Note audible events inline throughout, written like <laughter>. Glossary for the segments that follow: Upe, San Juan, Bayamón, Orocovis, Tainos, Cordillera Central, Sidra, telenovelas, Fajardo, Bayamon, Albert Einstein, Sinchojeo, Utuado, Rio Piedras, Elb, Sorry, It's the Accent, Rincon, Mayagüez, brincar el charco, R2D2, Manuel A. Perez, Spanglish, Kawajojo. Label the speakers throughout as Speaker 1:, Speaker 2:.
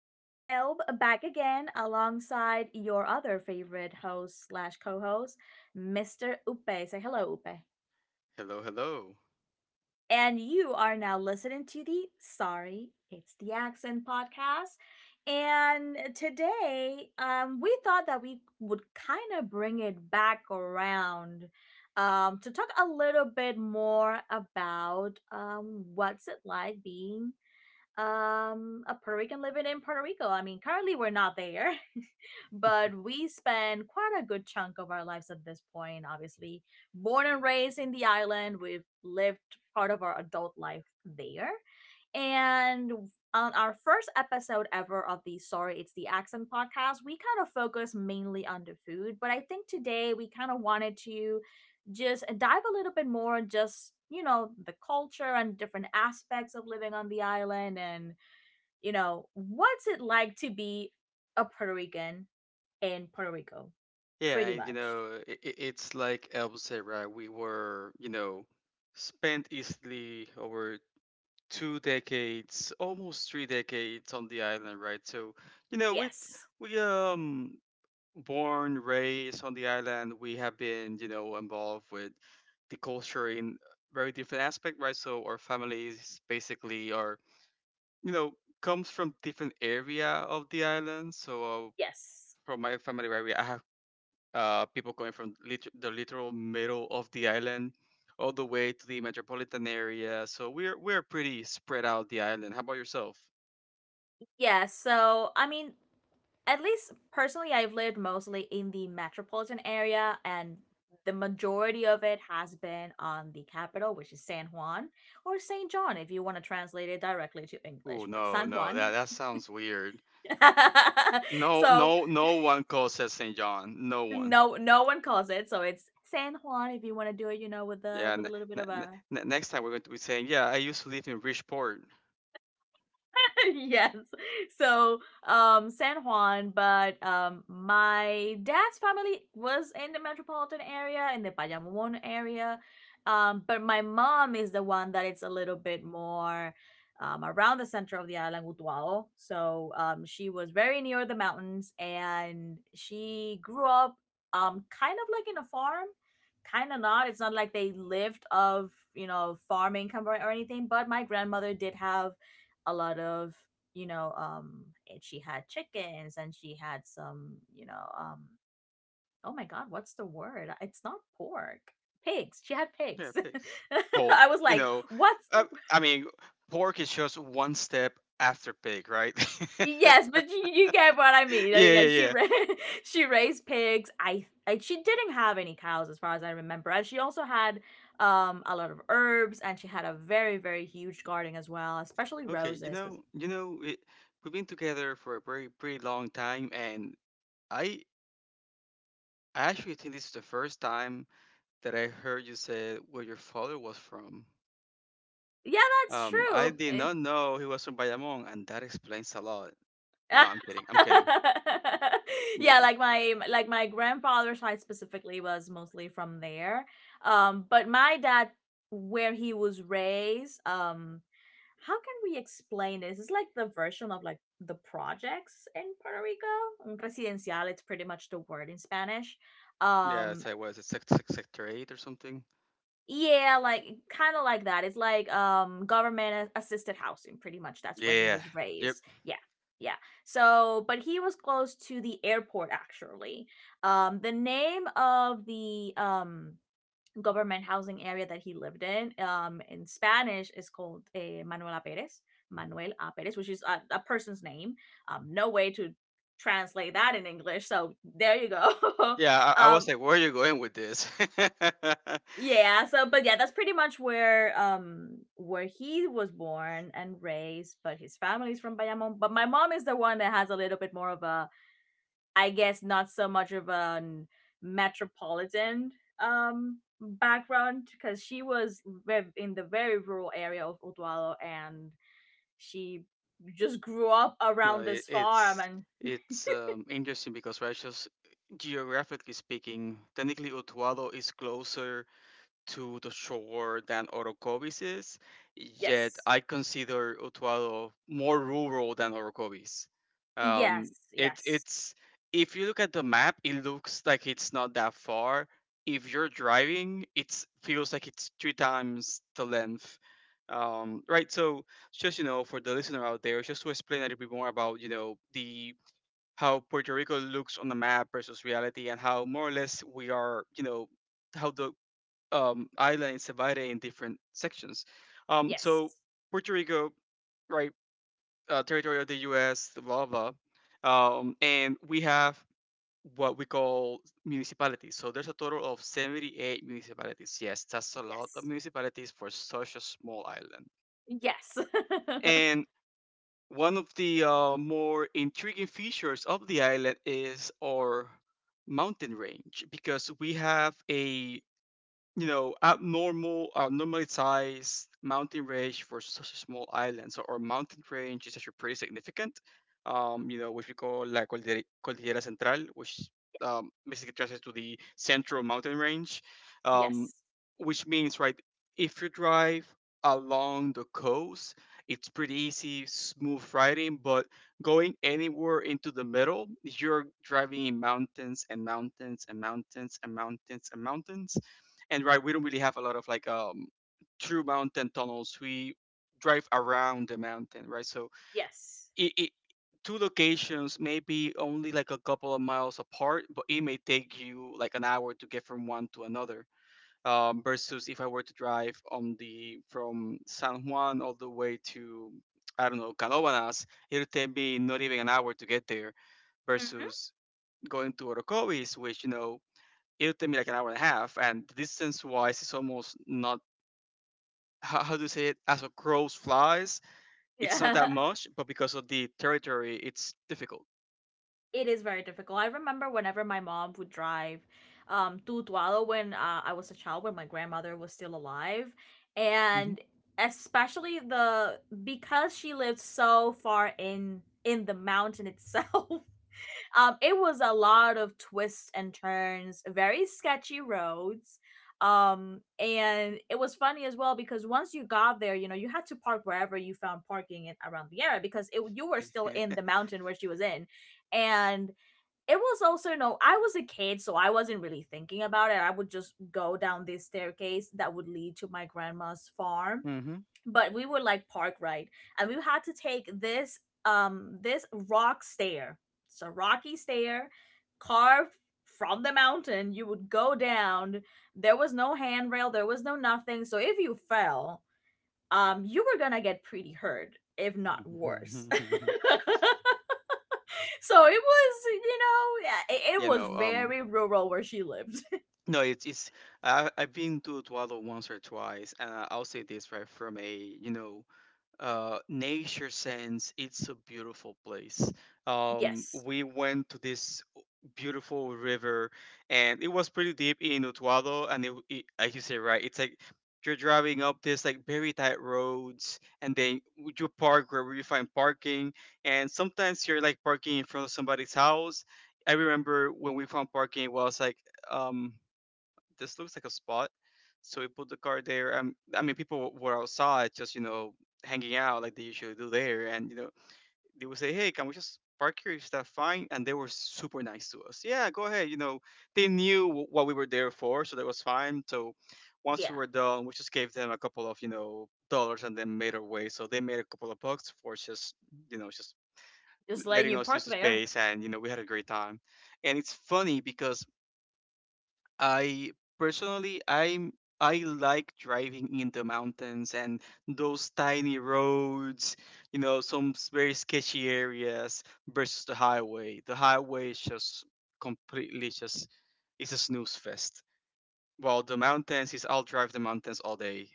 Speaker 1: me, Elb, back again alongside your other favorite host slash co-host, Mr. Upe. Say hello, Upe.
Speaker 2: Hello, hello.
Speaker 1: And you are now listening to the Sorry, It's the Accent podcast. And today, we thought that we would kind of bring it back around to talk a little bit more about what's it like being a Puerto Rican living in Puerto Rico. I mean, currently we're not there, <laughs> but we spend quite a good chunk of our lives at this point, obviously. Born and raised in the island, we've lived part of our adult life there. And on our first episode ever of the Sorry It's the Accent podcast, we kind of focused mainly on the food, but I think today we kind of wanted to just dive a little bit more on just the culture and different aspects of living on the island, and what's it like to be a Puerto Rican in Puerto Rico pretty much.
Speaker 2: It's like Elb said, right? We were, you know, spent easily over two decades, almost three decades on the island, right? So, you know, we
Speaker 1: Yes,
Speaker 2: we um born, raised on the island. We have been, you know, involved with the culture in very different aspect, right? So our families basically are, you know, comes from different area of the island. So uh,
Speaker 1: yes.
Speaker 2: from my family, right, we, I have people coming from the literal middle of the island all the way to the metropolitan area. So we're pretty spread out the island. How about yourself?
Speaker 1: Yeah, so I mean, at least personally, I've lived mostly in the metropolitan area, and the majority of it has been on the capital, which is San Juan, or St. John if you want to translate it directly to
Speaker 2: Oh
Speaker 1: English, but
Speaker 2: no,
Speaker 1: San
Speaker 2: no, that
Speaker 1: Juan.
Speaker 2: that sounds weird.
Speaker 1: <laughs>
Speaker 2: No,
Speaker 1: So
Speaker 2: no, no one calls it Saint John. No one.
Speaker 1: no, no one calls it, so it's San Juan if you want to do it, you know, with the
Speaker 2: Yeah.
Speaker 1: with a little bit of
Speaker 2: N-
Speaker 1: a
Speaker 2: Next time we're going to be saying, yeah, I used to live in Bridgeport.
Speaker 1: <laughs> yes. So, San Juan, but my dad's family was in the metropolitan area, in the Bayamón area. But my mom is the one that it's a little bit more around the center of the island, Utuado. So, she was very near the mountains and she grew up kind of like in a farm, kind of not. It's not like they lived of, you know, farming or anything, but my grandmother did have a lot of, you know, and she had chickens and she had some, you know, oh my god, what's the word? It's not pork. Pigs, she had
Speaker 2: Yeah,
Speaker 1: pigs.
Speaker 2: pigs.
Speaker 1: <laughs>
Speaker 2: Oh,
Speaker 1: I was
Speaker 2: you
Speaker 1: like,
Speaker 2: know,
Speaker 1: what's
Speaker 2: uh, I mean, pork is just one step after pig, right?
Speaker 1: <laughs>
Speaker 2: <laughs>
Speaker 1: yes, but you get what I mean,
Speaker 2: Yeah,
Speaker 1: like,
Speaker 2: yeah.
Speaker 1: <laughs> she raised pigs. I she didn't have any cows as far as I remember, and she also had a lot of herbs, and she had a very, very huge garden as well, especially
Speaker 2: Okay,
Speaker 1: roses because
Speaker 2: you know, it, we've been together for a very, pretty long time, and I, I actually think this is the first time that I heard you say where your father was from.
Speaker 1: yeah, that's
Speaker 2: I
Speaker 1: true.
Speaker 2: did
Speaker 1: It,
Speaker 2: not know he was from Bayamon, and that explains a lot. No, I'm
Speaker 1: <laughs>
Speaker 2: kidding. I'm kidding.
Speaker 1: yeah,
Speaker 2: Maybe.
Speaker 1: like my grandfather's side specifically was mostly from there. But my dad, where he was raised, how can we explain this? It's like the version of like the projects in Puerto Rico. Un residencial, it's pretty much the word in Spanish.
Speaker 2: Yeah,
Speaker 1: Um,
Speaker 2: it's like what is it, sector eight or something?
Speaker 1: yeah, like kind of like that. It's like government assisted housing pretty much. That's
Speaker 2: Yeah,
Speaker 1: where he
Speaker 2: yeah.
Speaker 1: was
Speaker 2: Yep.
Speaker 1: raised. Yeah. Yeah. So, but he was close to the airport actually. The name of the government housing area that he lived in Spanish is called Manuel A. Perez, Manuel A. Perez, which is a person's name. No way to translate that in English. So, there you go.
Speaker 2: Yeah,
Speaker 1: <laughs>
Speaker 2: I was
Speaker 1: um
Speaker 2: like, where are you going with this? <laughs>
Speaker 1: yeah, so but yeah, that's pretty much where he was born and raised, but his family's from Bayamon. But my mom is the one that has a little bit more of a, I guess, not so much of a metropolitan background because she was in the very rural area of Utuado and she just grew up
Speaker 2: No,
Speaker 1: around
Speaker 2: it,
Speaker 1: this farm
Speaker 2: it's
Speaker 1: and
Speaker 2: interesting because right, just geographically speaking, technically Utuado is closer to the shore than Orocovis is, yet
Speaker 1: yes.
Speaker 2: I consider Utuado more rural than Orocovis. Um,
Speaker 1: Yes, yes.
Speaker 2: it's if you look at the map, it looks like it's not that far. If you're driving, it feels like it's three times the length. Right, so just you know, for the listener out there, just to explain a little bit more about you know the how Puerto Rico looks on the map versus reality, and how more or less we are, you know, how the Isla and Cebada in different sections. So
Speaker 1: Yes.
Speaker 2: Puerto Rico, right, territory of the U.S., blah blah, blah. Um, and we have what we call municipalities. So there's a total of 78 municipalities. Yes, that's a lot of
Speaker 1: Yes.
Speaker 2: municipalities for such a small island.
Speaker 1: Yes.
Speaker 2: And one of the more intriguing features of the island is our mountain range because we have a you know, abnormally sized mountain range for such a small island. So our mountain range is actually pretty significant. You know, which we call La Cordillera, Cordillera Central, which basically translates to the central mountain range.
Speaker 1: <laughs>
Speaker 2: Um,
Speaker 1: yes.
Speaker 2: which means, right, if you drive along the coast, it's pretty easy, smooth riding. But going anywhere into the middle, you're driving in mountains and mountains and mountains and mountains and mountains and right we don't really have a lot of like true mountain tunnels, we drive around the mountain, right? So
Speaker 1: Yes.
Speaker 2: it two locations maybe only like a couple of miles apart, but it may take you like an hour to get from one to another. Versus if I were to drive on the from San Juan all the way to I don't know Canobanas, it'll take me not even an hour to get there,
Speaker 1: Mm-hmm.
Speaker 2: versus going to Orocovis, which you know it'll take me like an hour and a half, and distance wise it's almost not how do you say it, as a crow's flies. It's not that
Speaker 1: Yeah. <laughs>
Speaker 2: much, but because of the territory, it's difficult.
Speaker 1: It is very difficult. I remember whenever my mom would drive to Tualo when I was a child, when my grandmother was still alive.
Speaker 2: Hmm.
Speaker 1: And especially the because she lived so far in the mountain itself. <laughs> It was a lot of twists and turns, very sketchy roads. And it was funny as well because once you got there, you know, you had to park wherever you found parking in, around the area because it, you were still in
Speaker 2: <laughs>
Speaker 1: the mountain where she was in. And it was also, you know, I was a kid, so I wasn't really thinking about it. I would just go down this staircase that would lead to my grandma's farm,
Speaker 2: Hmm.
Speaker 1: but we were like park ride and we had to take this this rock stair, it's a rocky stair carved from the mountain. You would go down, there was no handrail, there was no nothing, so if you fell, you were gonna get pretty hurt, if not worse.
Speaker 2: <laughs>
Speaker 1: <laughs> So it was, you know, yeah, it
Speaker 2: You
Speaker 1: was
Speaker 2: know,
Speaker 1: very rural where she lived.
Speaker 2: no it's it's I've been to Tuado once or twice and I'll say this right from a you know nature sense, it's a beautiful place.
Speaker 1: <laughs> Yes,
Speaker 2: We went to this beautiful river, and it was pretty deep in Utuado. And as you say, right, it's like you're driving up this like very tight roads, and then you park wherever you find parking. And sometimes you're like parking in front of somebody's house. I remember when we found parking, it was like um, this looks like a spot. So we put the car there. I mean, people were outside, just you know, hanging out like they usually do there. And you know, they would say, "Hey, can we just park here? Is that fine?" And they were super nice to us. Yeah, go ahead. You know, they knew what we were there for, so that was fine. So once we
Speaker 1: yeah,
Speaker 2: were done, we just gave them a couple of you know dollars, and then made our way. So they made a couple of bucks for just you know just
Speaker 1: just letting
Speaker 2: letting
Speaker 1: you
Speaker 2: us
Speaker 1: park
Speaker 2: use the
Speaker 1: there.
Speaker 2: space, and you know, we had a great time. And it's funny because I personally I like driving in the mountains and those tiny roads, you know, very sketchy areas versus the highway. The highway is just completely just it's a snooze fest. While the mountains is I'll drive the mountains all day.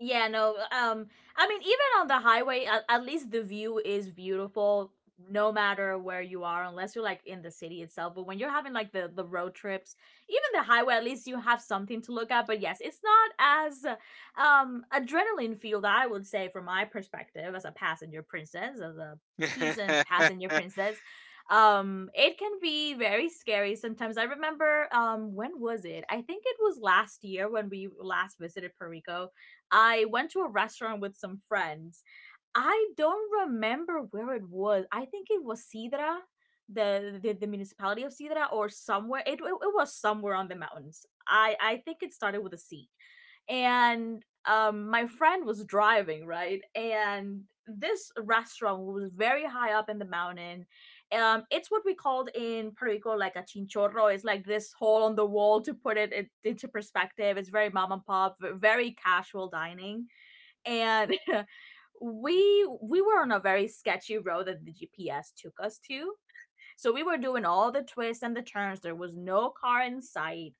Speaker 1: Yeah, no. I mean, even on the highway, at least the view is beautiful, no matter where you are, unless you're like in the city itself. But when you're having like the road trips, even the highway, at least you have something to look at. But yes, it's not as adrenaline fueled, I would say, from my perspective as a passenger princess, as a seasoned passenger
Speaker 2: <laughs>
Speaker 1: princess. It can be very scary sometimes. I remember, when was it? I think it was last year when we last visited Puerto Rico. I went to a restaurant with some friends. I don't remember where it was. I think it was Sidra, the municipality of Sidra, or somewhere. It, it was somewhere on the mountains. I think it started with a C, and my friend was driving, right, and this restaurant was very high up in the mountain. It's what we called in Puerto Rico like a chinchorro. It's like this hole on the wall, to put it in, into perspective. It's very mom and pop, very casual dining, and <laughs> we were on a very sketchy road that the GPS took us to. So we were doing all the twists and the turns. There was no car in sight,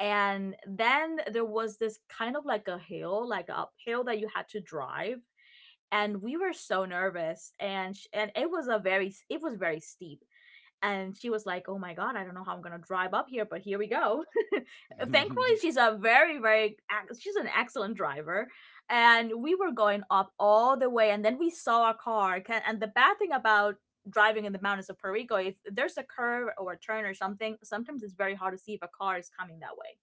Speaker 1: and then there was this kind of like a hill that you had to drive. And we were so nervous, and it was a very, it was very steep, and she was like, oh my God, I don't know how I'm going to drive up here, but here we go. <laughs> Thankfully, she's a very, very, she's an excellent driver. And we were going up all the way. And then we saw a car. And the bad thing about driving in the mountains of Puerto Rico, if there's a curve or a turn or something, sometimes it's very hard to see if a car is coming that way,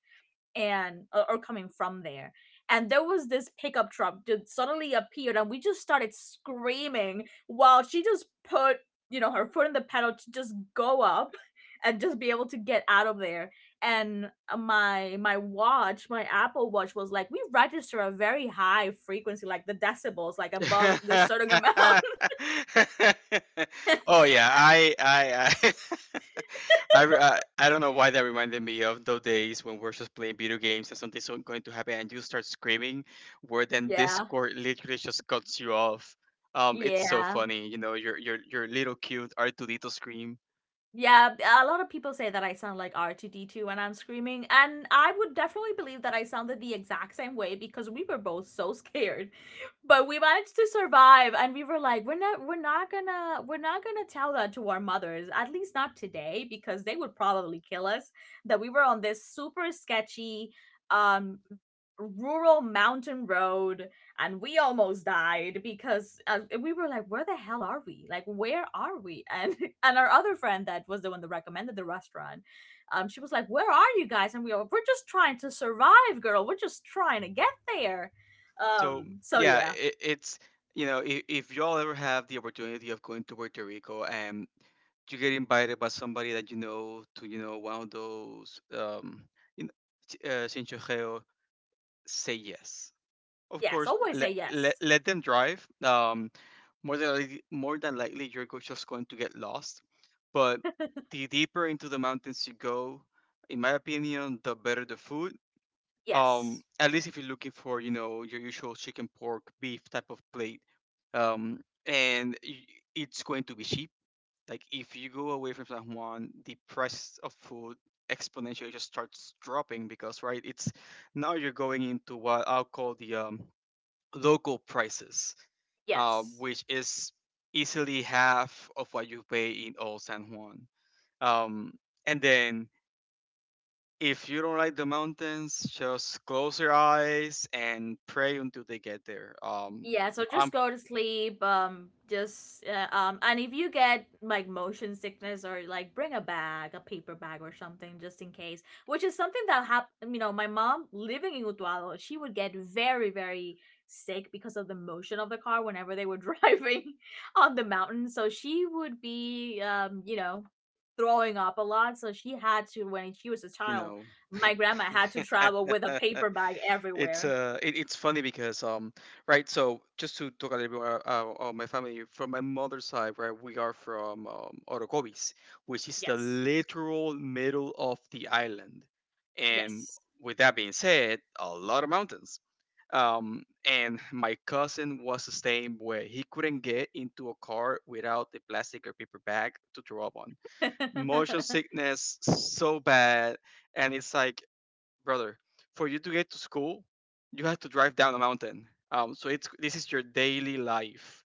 Speaker 1: and or coming from there. And there was this pickup truck that suddenly appeared, and we just started screaming while she just put, you know, her foot in the pedal to just go up and just be able to get out of there. And my watch, my Apple watch, was like, we register a very high frequency, like the decibels, like above this certain amount.
Speaker 2: <laughs> Oh yeah, I <laughs> I, re- I don't know why that reminded me of those days when we're just playing video games and going to happen and you start screaming, where then
Speaker 1: <laughs> Yeah,
Speaker 2: Discord literally just cuts you off. It's so
Speaker 1: yeah.
Speaker 2: funny, you know, your little cute R2D2 scream.
Speaker 1: Yeah, b- a lot of people say that I sound like R2D2 when I'm screaming, and I would definitely believe that I sounded the exact same way because we were both so scared. <laughs> But we managed to survive, and we were like, we're not gonna tell that to our mothers, at least not today, because they would probably kill us that we were on this super sketchy um rural mountain road and we almost died because we were like, where the hell are we, like, where are we? <laughs> And our other friend that was the one that recommended the restaurant, she was like, where are you guys, and we were, we're just trying to survive, girl, we're just trying to get there.
Speaker 2: So
Speaker 1: So
Speaker 2: yeah,
Speaker 1: yeah,
Speaker 2: it's you know if y'all ever have the opportunity of going to Puerto Rico and you get invited by somebody that you know to you know one of those you know, Sinchojeo, say yes. Of
Speaker 1: yes,
Speaker 2: course,
Speaker 1: always say yes.
Speaker 2: let them drive. More than likely just going to get lost. But
Speaker 1: <laughs>
Speaker 2: the deeper into the mountains you go, in my opinion, the better the food,
Speaker 1: Yes,
Speaker 2: at least if you're looking for you know your usual chicken pork beef type of plate. um and y- it's going to be cheap. Like if you go away from San Juan, the price of food exponentially just starts dropping because right it's now you're going into what I'll call the local prices,
Speaker 1: yes.
Speaker 2: which is easily half of what you pay in Old San Juan. Um, and then if you don't like the mountains, just close your eyes and pray until they get there.
Speaker 1: Yeah, so just
Speaker 2: I'm,
Speaker 1: go to sleep. Just and if you get like motion sickness or like bring a bag, a paper bag or something just in case, which is something that happened. You know, my mom living in Utuado, she would get very, very sick because of the motion of the car whenever they were <laughs> driving on the mountain. So she would be, you know, throwing up a lot. So she had to, when she was a
Speaker 2: you
Speaker 1: child,
Speaker 2: know,
Speaker 1: my grandma had to travel with a
Speaker 2: <laughs>
Speaker 1: paper bag everywhere.
Speaker 2: it's funny because right. So just to talk a little bit about my family from my mother's side, right, we are from Orocovis, which is the
Speaker 1: Yes.
Speaker 2: literal middle of the island, and
Speaker 1: Yes.
Speaker 2: with that being said, a lot of mountains. Um, and my cousin was the same way. He couldn't get into a car without the plastic or paper bag to throw up on.
Speaker 1: <laughs>
Speaker 2: Motion sickness so bad, and it's like, brother, for you to get to school, you have to drive down a mountain. So it's this is your daily life,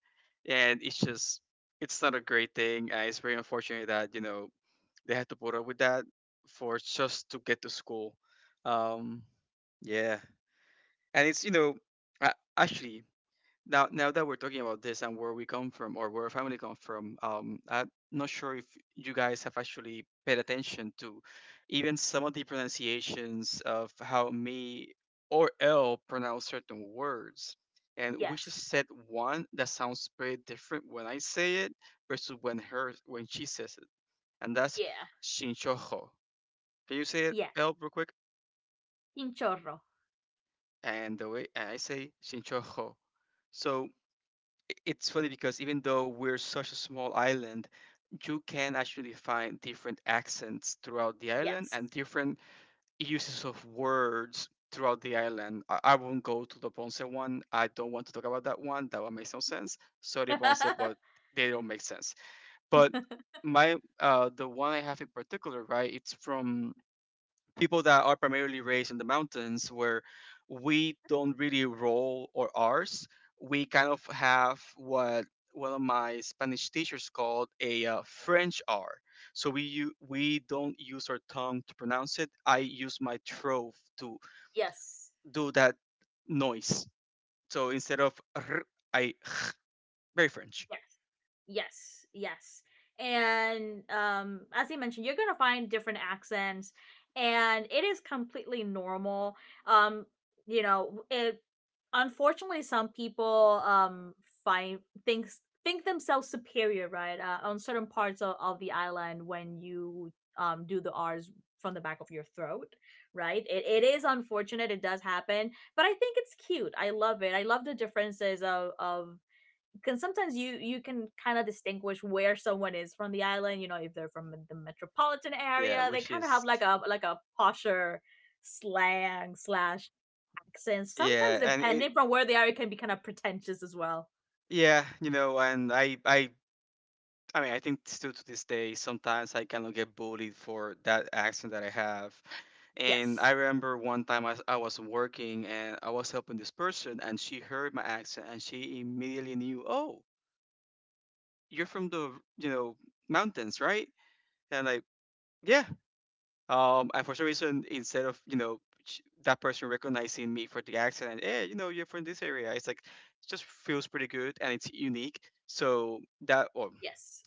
Speaker 2: and it's just it's not a great thing. It's very unfortunate that you know they had to put up with that for just to get to school. Um, yeah, and it's you know, uh, actually now now that we're talking about this and where we come from or where our family come from I'm not sure if you guys have actually paid attention to even some of the pronunciations of how me or L pronounce certain words, and we
Speaker 1: yes.
Speaker 2: just said one that sounds pretty different when I say it versus when she says it, and that's
Speaker 1: Yeah.
Speaker 2: shinchojo. Can you say it,
Speaker 1: Yeah.
Speaker 2: L, real quick?
Speaker 1: In chorro.
Speaker 2: And the way and I say shinchojo. So it's funny because even though we're such a small island, you can actually find different accents throughout the island
Speaker 1: Yes.
Speaker 2: and different uses of words throughout the island. I won't go to the Ponce one. I don't want to talk about that one. That one makes no sense. Sorry, Ponce, but they don't make sense. But
Speaker 1: <laughs>
Speaker 2: my the one I have in particular, right? It's from people that are primarily raised in the mountains where we don't really roll or r's. We kind of have what one of my Spanish teachers called a French R. So we don't use our tongue to pronounce it. I use my throat to
Speaker 1: yes.
Speaker 2: do that noise. So instead of R, I <laughs> very French.
Speaker 1: Yes. Yes, yes. And as I mentioned, you're gonna find different accents, and it is completely normal. Um, you know, it, unfortunately some people find things, think themselves superior, right? On certain parts of the island when you do the R's from the back of your throat, right? It is unfortunate, it does happen, but I think it's cute. I love it. I love the differences of because sometimes you can kind of distinguish where someone is from the island. You know, if they're from the metropolitan
Speaker 2: Yeah,
Speaker 1: area, they
Speaker 2: which
Speaker 1: kind of have
Speaker 2: is
Speaker 1: like a posher slang slash accent
Speaker 2: yeah,
Speaker 1: sometimes.
Speaker 2: and it
Speaker 1: Depending from where they are, it can be kind of pretentious as well.
Speaker 2: yeah, you know, and I mean, I think still to this day, sometimes I kind of get bullied for that accent that I have. And I
Speaker 1: Yes,
Speaker 2: remember one time I was working and I was helping this person, and she heard my accent and she immediately knew, oh, you're from the you know mountains, right? And like, yeah. And for some reason, instead of that person recognizing me for the accent, and you're from this area, it's like it just feels pretty good and it's unique. So that, or
Speaker 1: yes.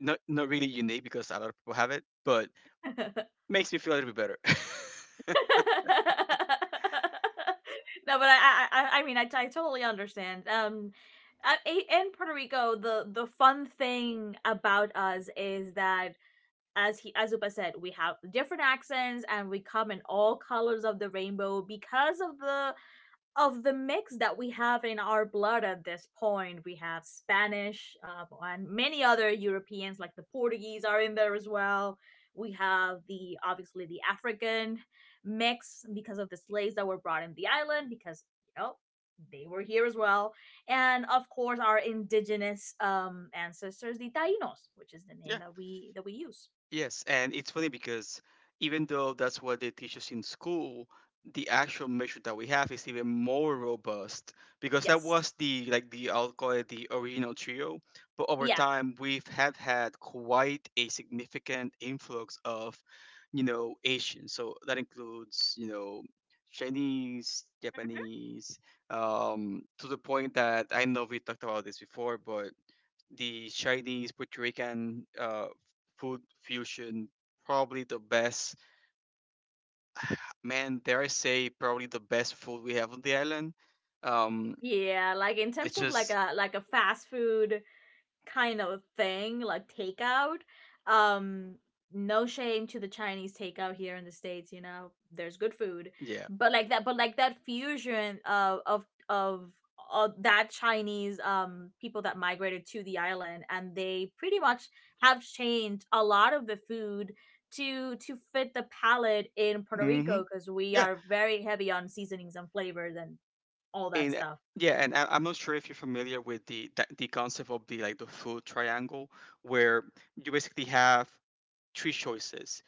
Speaker 2: not really unique because a lot of people have it, but
Speaker 1: <laughs> No, but
Speaker 2: makes me feel a little bit better. <laughs>
Speaker 1: I I totally understand. In Puerto Rico, the fun thing about us is that, as he as Upa said, we have different accents, and we come in all colors of the rainbow because of the mix that we have in our blood at this point. We have Spanish, and many other Europeans like the Portuguese are in there as well. We have the obviously the African mix because of the slaves that were brought in the island because, you know, they were here as well. And of course our indigenous ancestors, the Tainos, which is the name
Speaker 2: Yeah.
Speaker 1: that we use.
Speaker 2: Yes, and it's funny because even though that's what they teach us in school, the actual measure that we have is even more robust because that
Speaker 1: Yes.
Speaker 2: was the I'll call it the original trio. But over
Speaker 1: Yeah.
Speaker 2: time, we've have had quite a significant influx of, you know, Asians. So that includes Chinese, Japanese, to the point that I know we talked about this before, but the Chinese Puerto Rican food fusion, probably the best. Man, dare I say, probably the best food we have on the island. Um,
Speaker 1: Yeah. Like in terms
Speaker 2: it's
Speaker 1: of
Speaker 2: just
Speaker 1: like a fast food kind of thing, like takeout. Um, no shame to the Chinese takeout here in the States, you know. There's good food.
Speaker 2: yeah,
Speaker 1: But like that fusion of that Chinese people that migrated to the island, and they pretty much have changed a lot of the food to fit the palate in Puerto Rico
Speaker 2: hmm
Speaker 1: because we
Speaker 2: yeah,
Speaker 1: are very heavy on seasonings and flavors and all that
Speaker 2: and
Speaker 1: stuff.
Speaker 2: yeah, and I'm not sure if you're familiar with the concept of the food triangle, where you basically have three choices.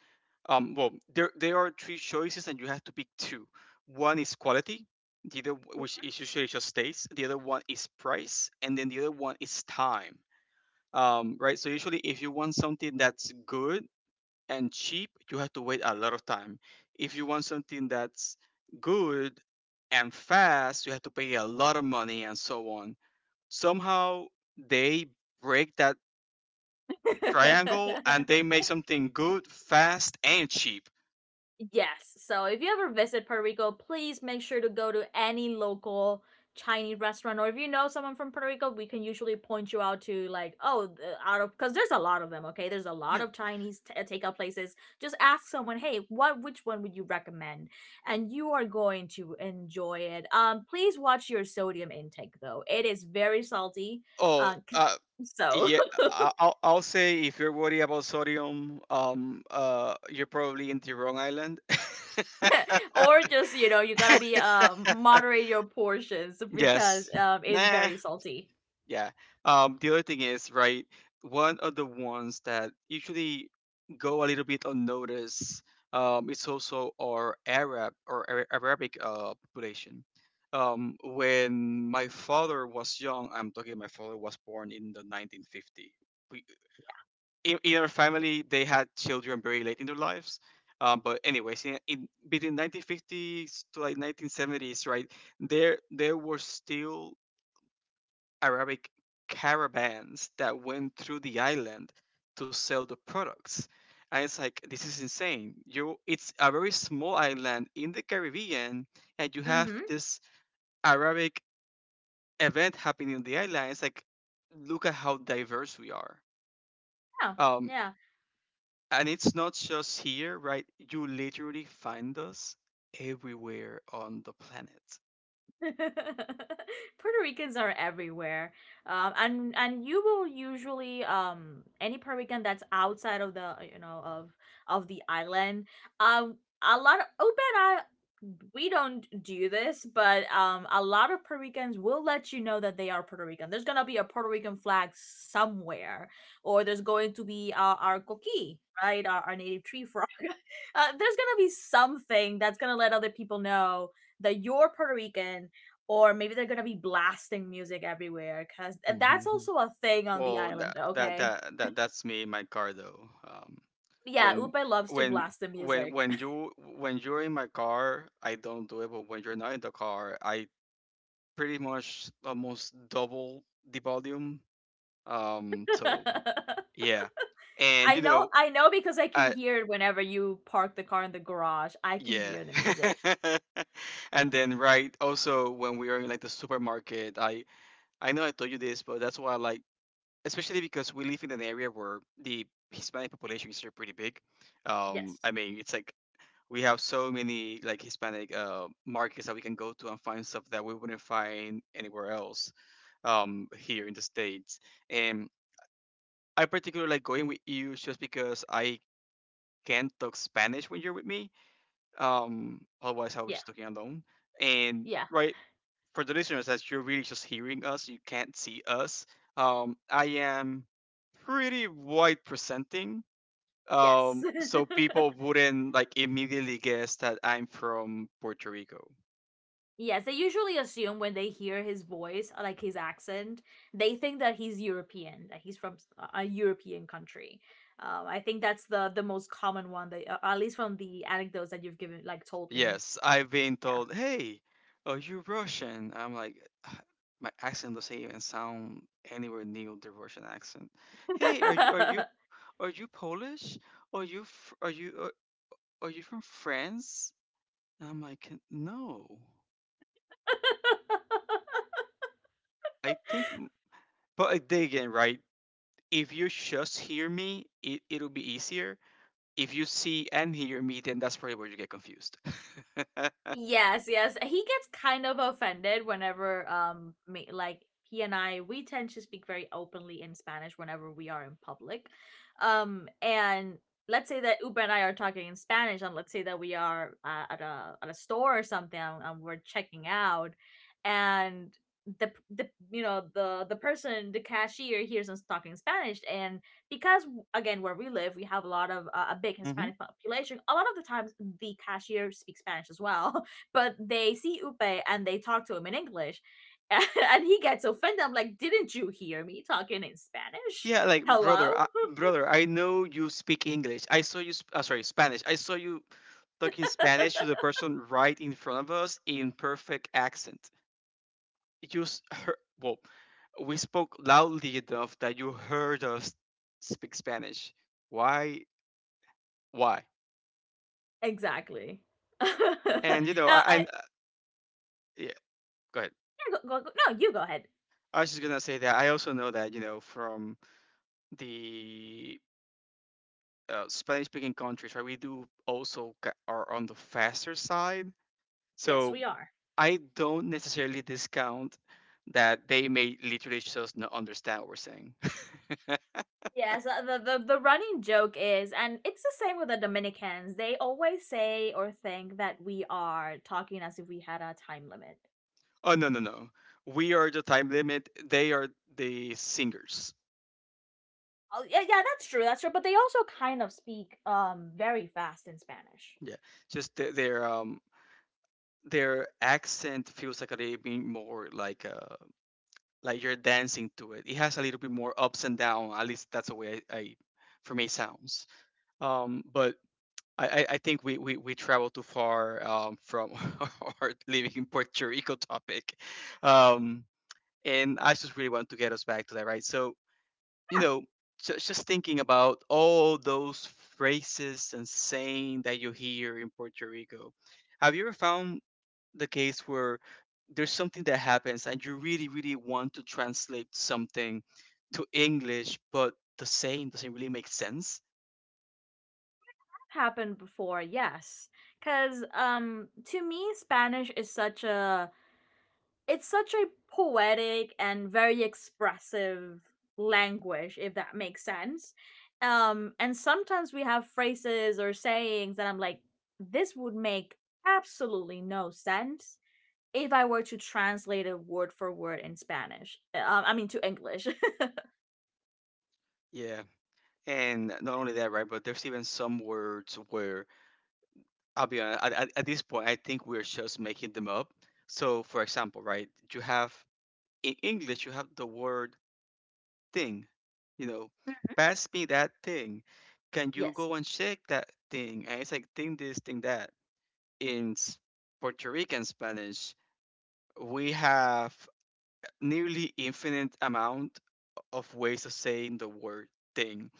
Speaker 2: There are three choices, and you have to pick two. One is quality, the other which is usually just taste. The other one is price, and then the other one is time. Right. So usually, if you want something that's good and cheap, you have to wait a lot of time. If you want something that's good and fast, you have to pay a lot of money and so on. Somehow they break that triangle and they make something good, fast, and cheap.
Speaker 1: <laughs> Yes, so if you ever visit Puerto Rico, please make sure to go to any local Chinese restaurant, or if you know someone from Puerto Rico, we can usually point you out to like, oh, out of because there's a lot of them. Okay, there's a lot of Chinese takeout places. Just ask someone, hey, what which one would you recommend? And you are going to enjoy it. Please watch your sodium intake though; it is very salty.
Speaker 2: Oh,
Speaker 1: Cause
Speaker 2: uh,
Speaker 1: so
Speaker 2: yeah.
Speaker 1: <laughs>
Speaker 2: I'll say if you're worried about sodium, you're probably in the wrong island. <laughs>
Speaker 1: or just, you know, you gotta be moderate your portions because
Speaker 2: Yes.
Speaker 1: it's
Speaker 2: Nah.
Speaker 1: very salty.
Speaker 2: Yeah. The other thing is, right, one of the ones that usually go a little bit unnoticed, is also our Arabic population. When my father was young, I'm talking my father was born in the 1950. In our family they had children very late in their lives but anyways in between 1950s to like 1970s, right? There were still Arabic caravans that went through the island to sell the products, and it's like, this is insane. You It's a very small island in the Caribbean and you have
Speaker 1: Mm-hmm.
Speaker 2: this Arabic event happening on the island. It's like, look at how diverse we are.
Speaker 1: Yeah.
Speaker 2: Um,
Speaker 1: Yeah.
Speaker 2: And it's not just here, right? You literally find us everywhere on the planet.
Speaker 1: <laughs> Puerto Ricans are everywhere, and you will usually any Puerto Rican that's outside of the, you know, of the island, um a lot of Open I we don't do this, but a lot of Puerto Ricans will let you know that they are Puerto Rican. There's gonna be a Puerto Rican flag somewhere, or there's going to be, our coqui, right, our native tree frog. <laughs> Uh, there's gonna be something that's gonna let other people know that you're Puerto Rican, or maybe they're gonna be blasting music everywhere because that's
Speaker 2: Mhm.
Speaker 1: also a thing on the
Speaker 2: Well,
Speaker 1: island,
Speaker 2: that that
Speaker 1: okay?
Speaker 2: that, that that's me in my car though.
Speaker 1: Yeah,
Speaker 2: When
Speaker 1: Upe loves to
Speaker 2: when
Speaker 1: blast the
Speaker 2: when
Speaker 1: music.
Speaker 2: when you when you're in my car, I don't do it. But when you're not in the car, I pretty much almost double the volume. Um, so
Speaker 1: <laughs>
Speaker 2: yeah, and
Speaker 1: i
Speaker 2: you
Speaker 1: know
Speaker 2: know,
Speaker 1: i know because I can
Speaker 2: I
Speaker 1: hear it whenever you park the car in the garage. I can
Speaker 2: yeah.
Speaker 1: hear the music.
Speaker 2: <laughs> And then, right, also when we are in like the supermarket, I know I told you this, but that's why I like, especially because we live in an area where the Hispanic population is pretty big.
Speaker 1: Yes.
Speaker 2: It's like we have so many like Hispanic markets that we can go to and find stuff that we wouldn't find anywhere else here in the States. And I particularly like going with you just because I can talk Spanish when you're with me. Otherwise, I'll be
Speaker 1: Yeah,
Speaker 2: just looking alone. And
Speaker 1: yeah.
Speaker 2: right, for the listeners, as you're really just hearing us, you can't see us. I am pretty white presenting.
Speaker 1: Yes. <laughs>
Speaker 2: People wouldn't like immediately guess that I'm from Puerto Rico.
Speaker 1: Yes, they usually assume when they hear his voice, like his accent, they think that he's European, that he's from a European country. I think that's the most common one, that, at least from the anecdotes that you've given, like told me.
Speaker 2: Yes, I've been told, "Hey, are you Russian?" I'm like, "Ah, my accent doesn't even sound anywhere near the Russian accent. Hey, are you are you
Speaker 1: Yeah. <laughs>
Speaker 2: are you Polish? Are you fr- are you Are you from France?" And I'm like, "No." I think, but I dig in, right? If you just hear me, it'll be easier. If you see and hear me, then that's probably where you get confused. <laughs>
Speaker 1: Yes, yes. He gets kind of offended whenever like he and I, we tend to speak very openly in Spanish whenever we are in public. And let's say that Uber and I are talking in Spanish, and let's say that we are, at a store or something, and we're checking out, and the person, the cashier, hears us talking Spanish. And because, again, where we live, we have a lot of, a big
Speaker 2: hmm
Speaker 1: Hispanic population. A lot of the times, the cashier speaks Spanish as well, but they see Upe and they talk to him in English. <laughs> And he gets offended. I'm like, didn't you hear me talking in Spanish?
Speaker 2: Yeah, like,
Speaker 1: Hello?
Speaker 2: brother,
Speaker 1: <laughs>
Speaker 2: brother, I know you speak English. I saw you, sorry, Spanish. I saw you talking Spanish to the person right in front of us in perfect accent. You s- heard, well, We spoke loudly enough that you heard us speak Spanish. Why? Why?
Speaker 1: Exactly. <laughs> uh, I,
Speaker 2: And you know, I yeah, go ahead.
Speaker 1: yeah, no, you go ahead.
Speaker 2: I was just gonna say that I also know that you know from the Spanish-speaking countries, right? We do also are on the faster side,
Speaker 1: Yes,
Speaker 2: so
Speaker 1: we are.
Speaker 2: I don't necessarily discount that they may literally just not understand what we're saying. <laughs>
Speaker 1: Yes, the running joke is, and it's the same with the Dominicans. They always say or think that we are talking as if we had a time limit.
Speaker 2: Oh, no, no, no! We are the time limit. They are the singers.
Speaker 1: Oh, yeah, yeah, that's true. That's true. But they also kind of speak very fast in Spanish.
Speaker 2: Yeah, just their accent feels like a little bit more like you're dancing to it. It has a little bit more ups and down. At least that's the way I for me it sounds. But I think we travel too far from <laughs> our living in Puerto Rico topic, um and I just really want to get us back to that, right? So you know. ju- just thinking about all those phrases and saying that you hear in Puerto Rico, have you ever found the case where there's something that happens and you really really want to translate something to English but the saying doesn't really make sense?
Speaker 1: Happened before, yes. Cuz to me Spanish is such a it's such a poetic and very expressive language, if that makes sense. Um, and sometimes we have phrases or sayings that I'm like, this would make absolutely no sense if I were to translate it word for word in Spanish. I mean to English.
Speaker 2: Yeah, and not only that, right, but there's even some words where I'll be honest, at this point I think we're just making them up. So, for example, right, you have in English you have the word thing, you know
Speaker 1: <laughs>
Speaker 2: pass me that thing, can you
Speaker 1: Yes.
Speaker 2: go and check that thing, and it's like thing this thing that in s- Puerto Rican Spanish, we have nearly infinite amount of ways of saying the word thing.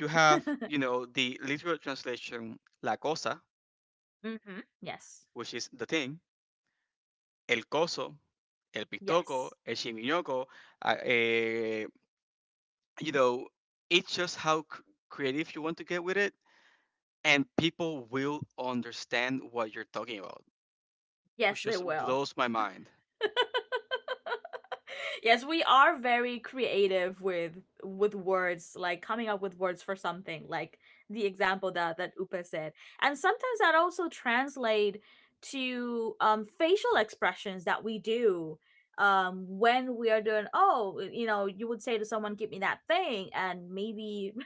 Speaker 2: You have, you
Speaker 1: <laughs>
Speaker 2: know, the literal translation la cosa,
Speaker 1: Mhm. Yes.
Speaker 2: which is the thing, el coso, el
Speaker 1: Yes.
Speaker 2: pitoco, el chimiñoco, uh, eh, you know, it's just how creative you want to get with it, and people will understand what you're talking about,
Speaker 1: Yes,
Speaker 2: which
Speaker 1: they
Speaker 2: just
Speaker 1: will.
Speaker 2: blows my mind.
Speaker 1: Yes, we are very creative with words, like coming up with words for something, like the example that Upa said. And sometimes that also translate to facial expressions that we do when we are doing, oh, you know, you would say to someone, give me that thing, and maybe <laughs>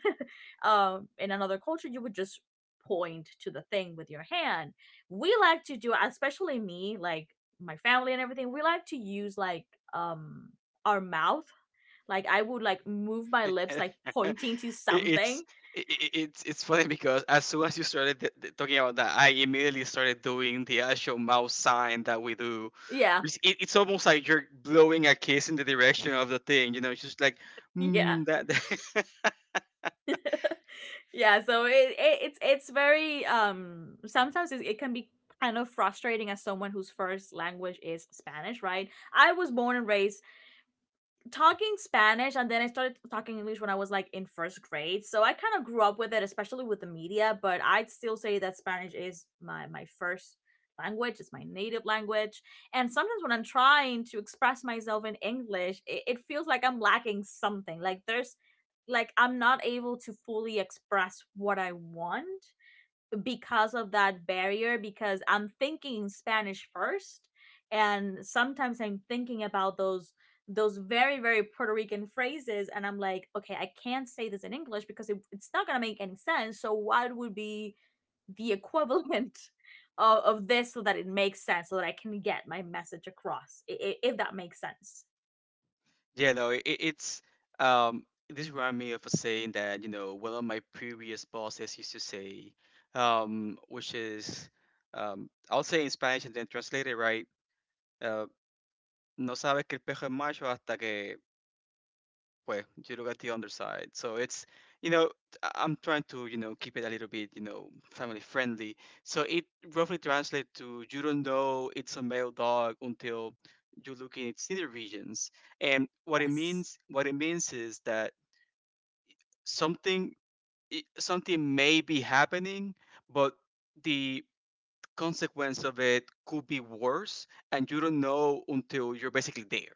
Speaker 1: in another culture, you would just point to the thing with your hand. We like to do, especially me, like my family and everything, we like to use like um our mouth. Like I would like move my lips, like
Speaker 2: <laughs> It-
Speaker 1: pointing to something.
Speaker 2: it's it, it- It's funny because as soon as you started talking about that, I immediately started doing the actual mouth sign that we do.
Speaker 1: Yeah.
Speaker 2: Which it's almost like you're blowing a kiss in the direction of the thing. You know, it's just like,
Speaker 1: Yeah.
Speaker 2: mm, that. <laughs>
Speaker 1: <laughs> Yeah, so it it's very sometimes it, it can be kind of frustrating as someone whose first language is Spanish, right? I was born and raised talking Spanish, and then I started talking English when I was like in first grade. So I kind of grew up with it, especially with the media, but I'd still say that Spanish is my first language, it's my native language. And sometimes when I'm trying to express myself in English, it feels like I'm lacking something. Like there's like I'm not able to fully express what I want because of that barrier, because I'm thinking Spanish first, and sometimes I'm thinking about those very, very Puerto Rican phrases, and I'm like, okay, I can't say this in English because it's not going to make any sense. So what would be the <laughs> equivalent of this, so that it makes sense, so that I can get my message across, if that makes sense?
Speaker 2: Yeah, no, it, it's um. this reminded me of a saying that you know one of my previous bosses used to say, which is, I'll say in Spanish and then translate it, right. Uh, no sabes que el pejo es macho hasta que. Well, you look at the underside. So it's you know I- I'm trying to, you know, keep it a little bit, you know, family friendly. So it roughly translates to, you don't know it's a male dog until you look in its nether regions. And what it
Speaker 1: Yes.
Speaker 2: means what it means is that something something may be happening, but the consequence of it could be worse, and you don't know until you're basically there.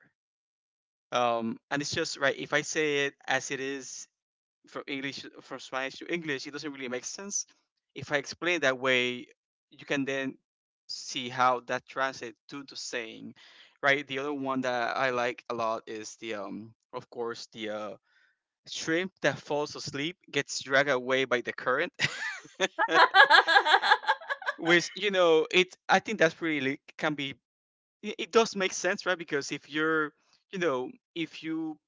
Speaker 2: And it's just, right, if I say it as it is, from Spanish to English, it doesn't really make sense. If I explain that way, you can then see how that translates to the saying, right? The other one that I like a lot is the of course, the shrimp that falls asleep gets dragged away by the current, <laughs>
Speaker 1: <laughs>
Speaker 2: which, you know it, I think that's really can be, it does make sense, right? Because if you're, you know, if you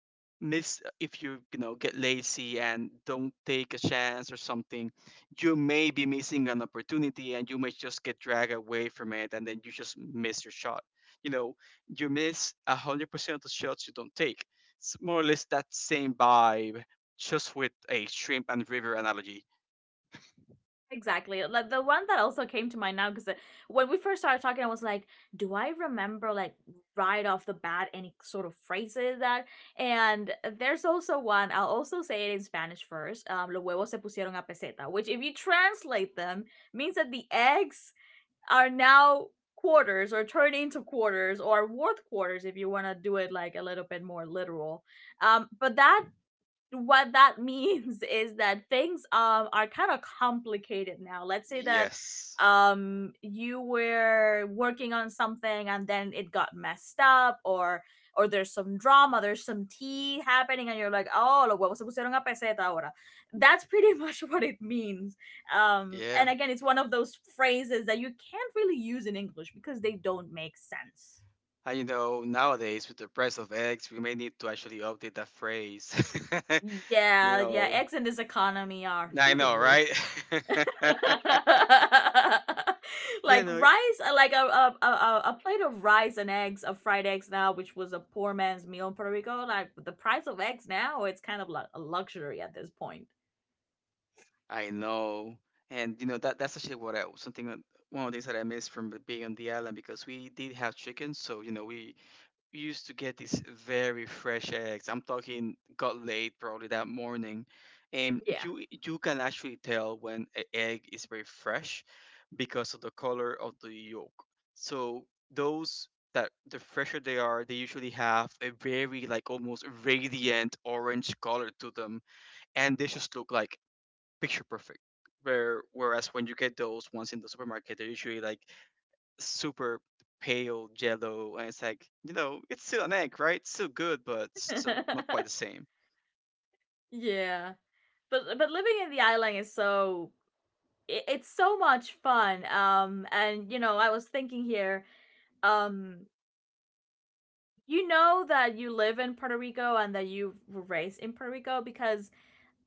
Speaker 2: miss, if you, you know, get lazy and don't take a chance or something, you may be missing an opportunity and you may just get dragged away from it and then you just miss your shot. You know, you miss 100% of the shots you don't take. It's more or less that same vibe, just with a shrimp and river analogy.
Speaker 1: Exactly. Like the one that also came to mind now, because when we first started talking, I was like, "Do I remember like right off the bat any sort of phrases that?" And there's also one. I'll also say it in Spanish first. Los huevos se pusieron a peseta, which if you translate them, means that the eggs are now quarters, or turn into quarters, or worth quarters if you want to do it like a little bit more literal. But that what that <laughs> means is that things are kind of complicated now. Let's say that
Speaker 2: Yes.
Speaker 1: you were working on something and then it got messed up, or there's some drama, there's some tea happening, and you're like, "Oh, los huevos se pusieron a peseta ahora." That's pretty <laughs> much what it means. Um,
Speaker 2: Yeah.
Speaker 1: and again, it's one of those phrases that you can't really use in English because they don't make sense.
Speaker 2: And you know, nowadays with the price of eggs, we may need to actually update that phrase. <laughs> You
Speaker 1: Yeah, yeah,
Speaker 2: know,
Speaker 1: eggs in this economy are
Speaker 2: I
Speaker 1: through the
Speaker 2: know,
Speaker 1: roof.
Speaker 2: right? <laughs>
Speaker 1: <laughs>
Speaker 2: You
Speaker 1: Like
Speaker 2: know,
Speaker 1: rice, like a, a plate of rice and eggs, of fried eggs now, which was a poor man's meal in Puerto Rico. Like the price of eggs now, it's kind of like a luxury at this point.
Speaker 2: I know. And you know that that's actually what I something that- one of the things that I miss from being on the island because we did have chickens, so we used to get these very fresh eggs. I'm talking got laid probably that morning, and
Speaker 1: Yeah.
Speaker 2: you can actually tell when an egg is very fresh because of the color of the yolk. So those that the fresher they are, they usually have a very like almost radiant orange color to them, and they just look like picture perfect. Whereas when you get those ones in the supermarket, they're usually like super pale yellow, and it's like, you know, it's still an egg, right? It's still good, but it's still not quite the
Speaker 1: <laughs>
Speaker 2: same.
Speaker 1: Yeah, but living in the island is so it's so much fun. Um, and you know, I was thinking here, um you know that you live in Puerto Rico and that you were raised in Puerto Rico because,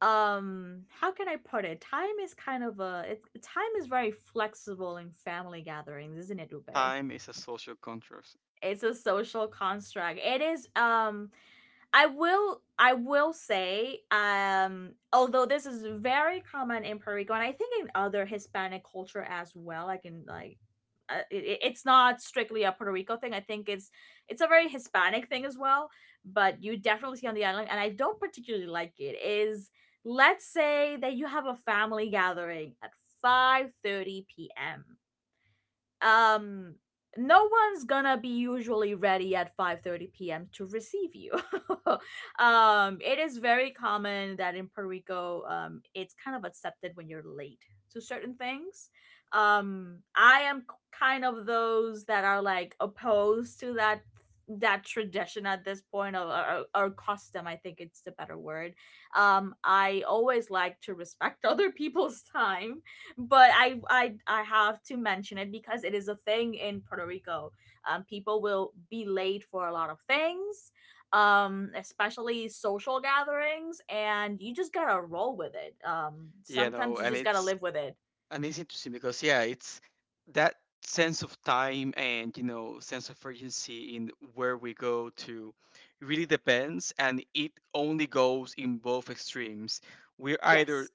Speaker 1: how can I put it, time is kind of a it's time is very flexible in family gatherings, isn't it, Ube?
Speaker 2: Time is a social contrast.
Speaker 1: It's a social construct. It is. Um, I will say, although this is very common in Puerto Rico, and I think in other Hispanic culture as well, like in like it's not strictly a Puerto Rico thing. I think it's a very Hispanic thing as well, but you definitely see on the island, and I don't particularly like it. Is let's say that you have a family gathering at 5:30 p.m. um no one's gonna be usually ready at 5:30 p.m. to receive you. <laughs> Um, it is very common that in Puerto Rico it's kind of accepted when you're late to certain things. I am kind of those that are like opposed to that tradition at this point, or custom, I think it's the better word. I always like to respect <laughs> other people's time, but I have to mention it because it is a thing in Puerto Rico. People will be late for a lot of things, especially social gatherings, and you just gotta roll with it. Sometimes you
Speaker 2: And
Speaker 1: just gotta
Speaker 2: it's
Speaker 1: live with it.
Speaker 2: and it's interesting because yeah, it's that sense of time and sense of urgency in where we go to really depends, and it only goes in both extremes. We're either
Speaker 1: Yes,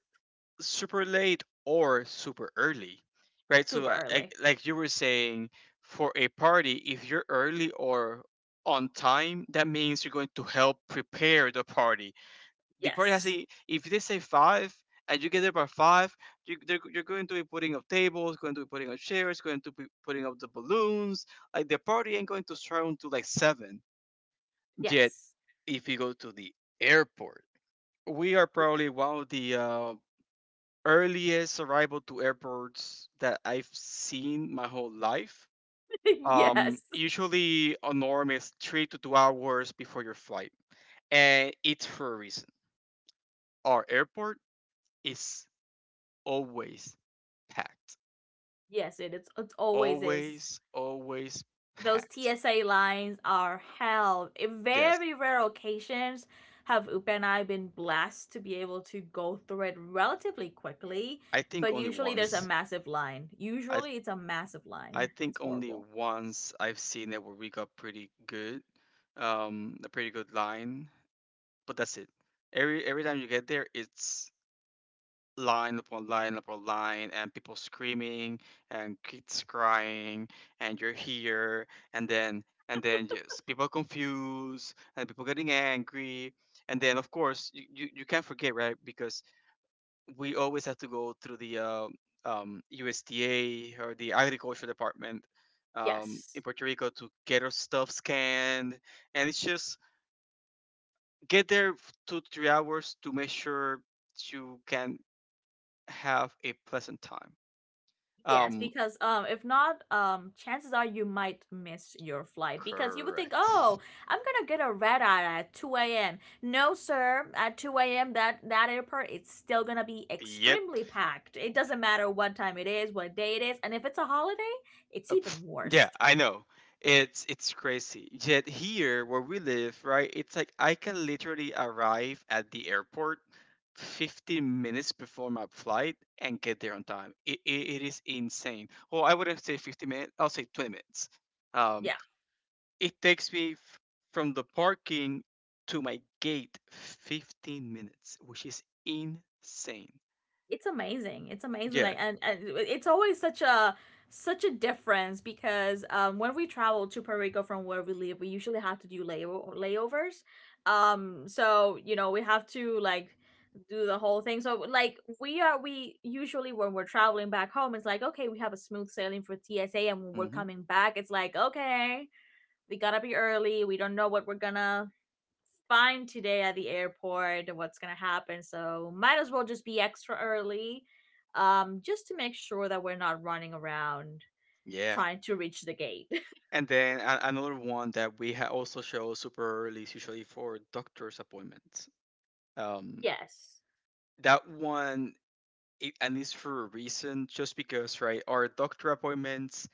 Speaker 2: super late or super early, right? So
Speaker 1: super early.
Speaker 2: like you were saying, for a party, if you're early or on time, that means you're going to help prepare the party. The party has
Speaker 1: Yes,
Speaker 2: a— if they say five and you get there by five, you're going to be putting up tables, going to be putting up chairs, going to be putting up the balloons. Like, the party ain't going to start until like seven. Yet
Speaker 1: yes,
Speaker 2: if you go to the airport, we are probably one of the earliest arrival to airports that I've seen my whole life.
Speaker 1: <laughs> yes,
Speaker 2: Usually a norm is 3 to 2 hours before your flight, and it's for a reason. Our airport is always packed.
Speaker 1: yes. It always is.
Speaker 2: Always, always
Speaker 1: Those
Speaker 2: packed.
Speaker 1: TSA lines are hell. In
Speaker 2: Yes,
Speaker 1: very rare occasions, have Upe and I been blessed to be able to go through it relatively quickly,
Speaker 2: I think
Speaker 1: but
Speaker 2: only
Speaker 1: usually there's a
Speaker 2: once.
Speaker 1: massive line.
Speaker 2: I
Speaker 1: Usually it's a massive
Speaker 2: I
Speaker 1: line. It's
Speaker 2: think only
Speaker 1: horrible.
Speaker 2: once I've seen it where we got pretty good, a pretty good line. But that's it. Every time you get there, it's line upon line upon line, and people screaming and kids crying and you're here, and then just people confused and people getting angry. And then of course, you can't forget, right? Because we always have to go through the USDA, or the agriculture department in
Speaker 1: Yes.
Speaker 2: Puerto Rico, to get our stuff scanned. And it's just get there 2 3 hours to make sure you can have a pleasant time.
Speaker 1: Yes,
Speaker 2: Um,
Speaker 1: because if not, chances are you might miss your flight because you would think, oh,
Speaker 2: Correct.
Speaker 1: I'm gonna get a red eye at 2 a.m. No, sir, at 2 a.m. that airport it's still gonna be
Speaker 2: Yep.
Speaker 1: extremely packed. It doesn't matter what time it is, what day it is, and if it's a holiday, it's even worse.
Speaker 2: Yeah, I know. It's crazy. Yet here where we live, right? It's like I can literally arrive at the airport 15 minutes before my flight and get there on time. It is insane. Well, I wouldn't say 15 minutes. I'll say 20 minutes. Um,
Speaker 1: Yeah.
Speaker 2: it takes me from the parking to my gate 15 minutes, which is insane.
Speaker 1: It's amazing. It's amazing.
Speaker 2: Yeah.
Speaker 1: Like, and it's always such a difference because when we travel to Puerto Rico from where we live, we usually have to do layovers. So we have to like do the whole thing. So like we usually when we're traveling back home, it's like okay, we have a smooth sailing for TSA, and when we're
Speaker 2: Hmm.
Speaker 1: coming back, it's like okay, we gotta be early. We don't know what we're gonna fine today at the airport, what's gonna happen. So might as well just be extra early, just to make sure that we're not running around
Speaker 2: Yeah.
Speaker 1: trying to reach the gate. <laughs>
Speaker 2: And then another one that we also show super early is usually for doctor's appointments. Um,
Speaker 1: Yes.
Speaker 2: that one, and it's for a reason, just because, right? Our doctor appointments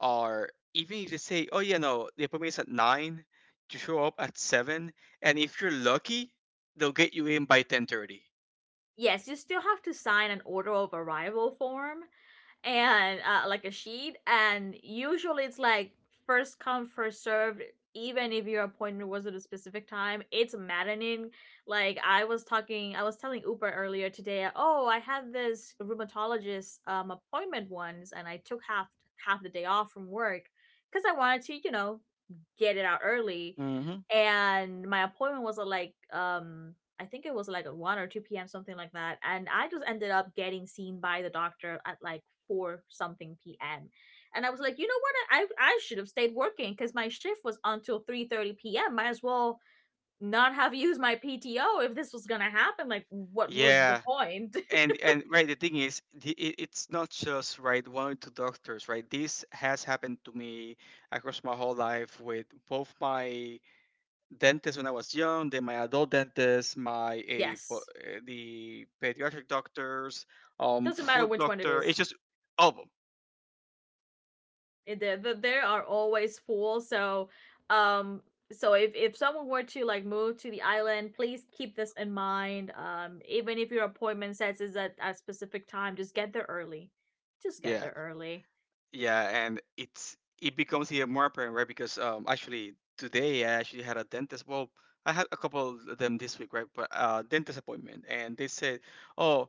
Speaker 2: are— even if you say, oh yeah, no, the appointment is at nine, you show up at seven, and if you're lucky, they'll get you in by 10:30.
Speaker 1: Yes, you still have to sign an order of arrival form and like a sheet. And usually it's like first come, first served. Even if your appointment was at a specific time, it's maddening. Like I was telling Uber earlier today. Oh, I had this rheumatologist appointment once, and I took half the day off from work because I wanted to get it out early.
Speaker 2: Hmm.
Speaker 1: And my appointment was at like I think it was like at 1 or 2 p.m., something like that. And I just ended up getting seen by the doctor at like 4 something p.m. And I was like, you know what? I should have stayed working because my shift was until 3:30 p.m. Might as well not have <laughs> used my PTO if this was gonna happen. Like, what was the
Speaker 2: Yeah,
Speaker 1: point? <laughs>
Speaker 2: and right, the thing is it's not just, right, one or two doctors, right? This has happened to me across my whole life with both my dentist when I was young, then my adult dentist, my—
Speaker 1: Yes,
Speaker 2: the pediatric doctors,
Speaker 1: doesn't matter
Speaker 2: food
Speaker 1: which one it
Speaker 2: doctor. It's
Speaker 1: is.
Speaker 2: just all of them.
Speaker 1: There are always fools. So um so if someone were to like move to the island, please keep this in mind. Even if your appointment says is at a specific time, just get there early, just get
Speaker 2: Yeah.
Speaker 1: there early.
Speaker 2: Yeah, and it's it becomes even more apparent, right? Because actually today, I actually had a dentist— well, I had a couple of them this week, right? But dentist appointment, and they said, oh,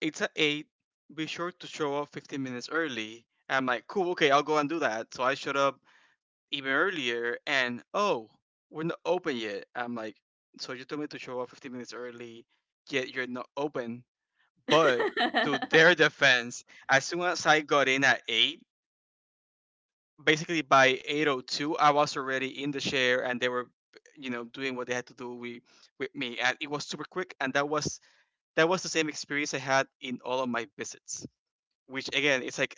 Speaker 2: it's at 8, be sure to show up 15 minutes early. And I'm like, cool, okay, I'll go and do that. So I showed up even earlier, and oh, we're not open yet. I'm like, so you told me to show up 15 minutes early, yet you're not open.
Speaker 1: <laughs> Mhm.
Speaker 2: But to their defense, as soon as I got in at 8, basically by 802 I was already in the chair, and they were, you know, doing what they had to do with me, and it was super quick. And that was the same experience I had in all of my visits. Which, again, it's like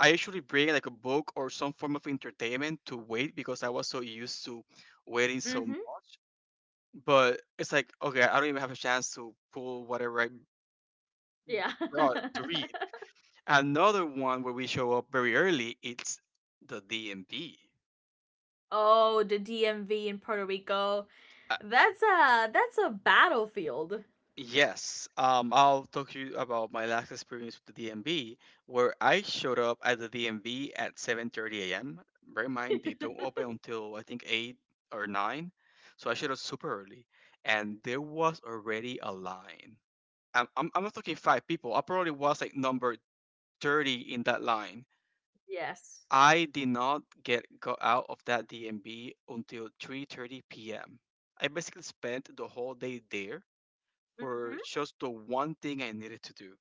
Speaker 2: I usually bring like a book or some form of entertainment to wait, because I was so used to waiting so much. But it's like, okay, I don't even have a chance to pull whatever I
Speaker 1: Yeah.
Speaker 2: brought to read.
Speaker 1: <laughs>
Speaker 2: Another one where we show up very early, it's the DMV.
Speaker 1: Oh, the DMV in Puerto Rico, that's a battlefield.
Speaker 2: Yes, I'll talk to you about my last experience with the DMV, where I showed up at the DMV at 7:30 a.m. Bear in mind they don't open until I think eight or nine, so I showed up super early, and there was already a line. I'm not talking five people. I probably was like number 30 in that line.
Speaker 1: Yes.
Speaker 2: I did not get got out of that DMV until 3:30 p.m. I basically spent the whole day there for
Speaker 1: Mhm.
Speaker 2: just the one thing I needed to do.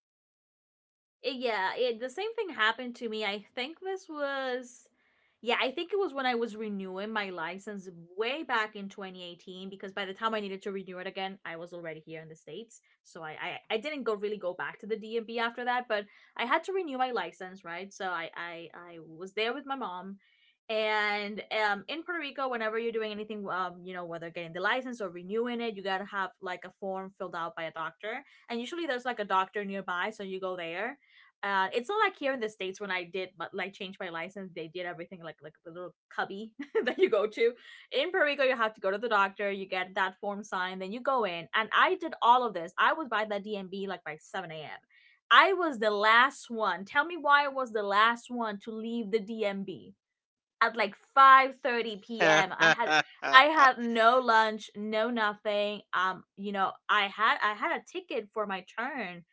Speaker 1: Yeah, the same thing happened to me. I think this was, yeah, I think it was when I was renewing my license way back in 2018, because by the time I needed to renew it again, I was already here in the States. So I didn't go really go back to the DMV after that, but I had to renew my license, right? So I was there with my mom. And in Puerto Rico, whenever you're doing anything, whether getting the license or renewing it, you gotta have like a form filled out by a doctor, and usually there's like a doctor nearby, so you go there. It's not like here in the states when I did but, like, change my license, they did everything like the little cubby <laughs> that you go to. In Puerto Rico, you have to go to the doctor, you get that form signed, then you go in. And I did all of this. I was by the DMV like by 7 a.m. I was the last one. Tell me why I was the last one to leave the DMV at like 5:30 p.m. I had no lunch, no nothing. I had a ticket for my turn,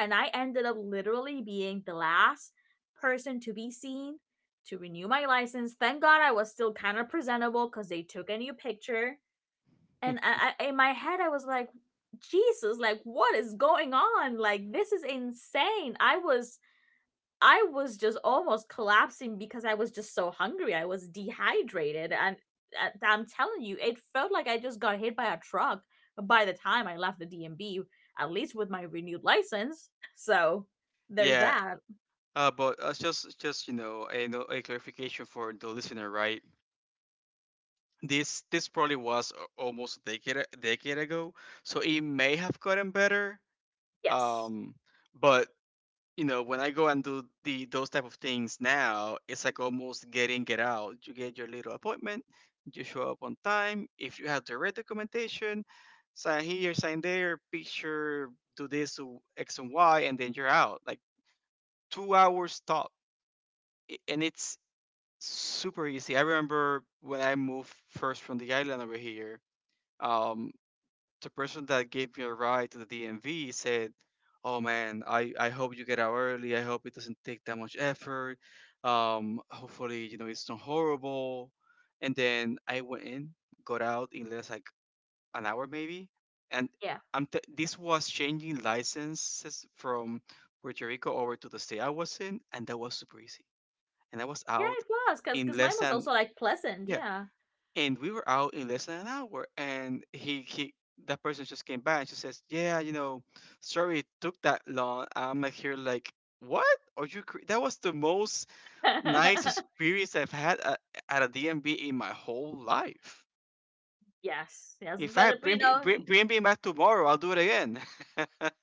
Speaker 1: and I ended up literally being the last person to be seen to renew my license. Thank God I was still kind of presentable, cuz they took a new picture. And in my head I was like, "Jesus, like what is going on? Like this is insane." I was just almost collapsing because I was just so hungry. I was dehydrated, and I'm telling you, it felt like I just got hit by a truck by the time I left the DMV. At least with my renewed license, <laughs> so
Speaker 2: <laughs>
Speaker 1: there's
Speaker 2: yeah,
Speaker 1: that.
Speaker 2: but just you know, a, no- a clarification for the listener, right? This probably was almost a decade decade ago, so it may have gotten better.
Speaker 1: Yes.
Speaker 2: Um, but you know, when I go and do the those type of things now, it's like almost get in, get out. You get your little appointment, you show up on time, if you have the right documentation, sign here, sign there, picture, do this, do x and y, and then you're out, like 2 hours top. And it's super easy. I remember when I moved first from the island over here, um the person that gave me a ride to the DMV said, "Oh man, I hope you get out early. I hope it doesn't take that much effort. Hopefully you know it's not horrible." And then I went in, got out in less, like, an hour maybe, and
Speaker 1: Yeah,
Speaker 2: I'm this was changing licenses from Puerto Rico over to the state I was in, and that was super easy. And I was
Speaker 1: yeah,
Speaker 2: out
Speaker 1: it was because
Speaker 2: in
Speaker 1: because mine
Speaker 2: less
Speaker 1: was
Speaker 2: than—
Speaker 1: also like pleasant.
Speaker 2: yeah,
Speaker 1: Yeah.
Speaker 2: and we were out in less than an hour. And he, that person just came back and she says, yeah, you know, sorry it took that long. I'm like, here like, what, are you that was the most nice
Speaker 1: <laughs>
Speaker 2: experience I've had at a dmb in my whole life.
Speaker 1: Yes, yes,
Speaker 2: If
Speaker 1: but
Speaker 2: I
Speaker 1: uh, but, you
Speaker 2: bring me
Speaker 1: know.
Speaker 2: bring me back tomorrow, I'll do it again.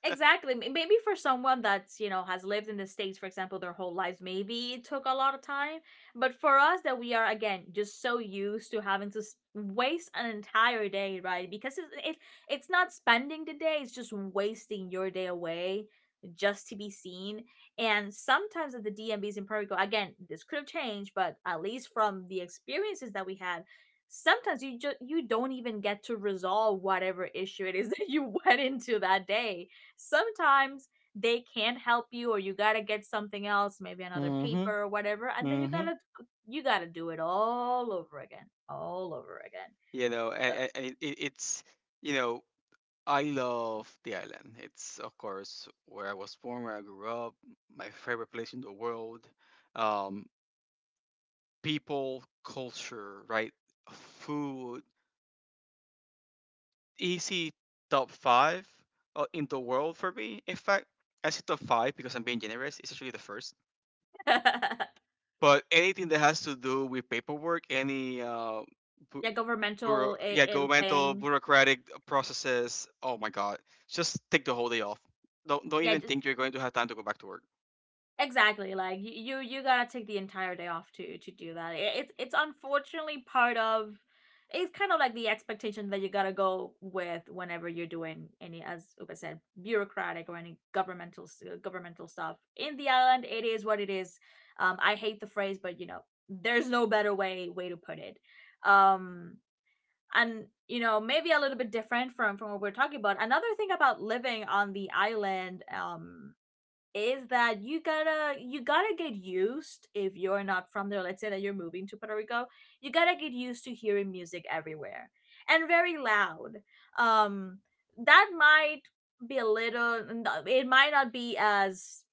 Speaker 1: Exactly. Maybe for someone has lived in the States, for example, their whole lives, maybe it took a lot of time. But for us, that we are, again, just so used to having to waste an entire day, right? Because it's not spending the day, it's just wasting your day away just to be seen. And sometimes at the DMVs in Puerto Rico, again, this could have changed, but at least from the experiences that we had, sometimes you don't even get to resolve whatever issue it is <laughs> that you went into that day. Sometimes they can't help you, or you got to get something else, maybe
Speaker 2: <laughs>
Speaker 1: another paper
Speaker 2: mm-hmm.
Speaker 1: or whatever, and then you got
Speaker 2: Mm-hmm.
Speaker 1: to you got to do it all over again, all over again.
Speaker 2: You know, and it's, you know, I love the island. It's, of course, where I was born, where I grew up, my favorite place in the world. Um, People, culture, right? Food, easy top five in the world for me. In fact, I say top five because I'm being generous. It's actually the—
Speaker 1: So <laughs>
Speaker 2: but anything that has to do with paperwork, any bu-
Speaker 1: yeah,
Speaker 2: bureau—
Speaker 1: governmental,
Speaker 2: yeah,
Speaker 1: ill
Speaker 2: governmental
Speaker 1: thing.
Speaker 2: bureaucratic processes. Oh my God, just take the whole day off. Don't
Speaker 1: Yeah.
Speaker 2: even think you're going to have time to go back to work.
Speaker 1: Exactly. Like you gotta take the entire day off to do that. It's, unfortunately, part of. It's kind of like the expectation that you gotta go with whenever you're doing any, as Upa said, bureaucratic or any governmental governmental stuff. In the island, it is what it is. I hate the phrase, but, you know, there's no better way to put it. Um, and maybe a little bit different from what we're talking about. Another thing about living on the island, is that you gotta get used, if you're not from there, let's say that you're moving to Puerto Rico, you gotta get used to hearing music everywhere, and very loud. um that might be a little, it might not be as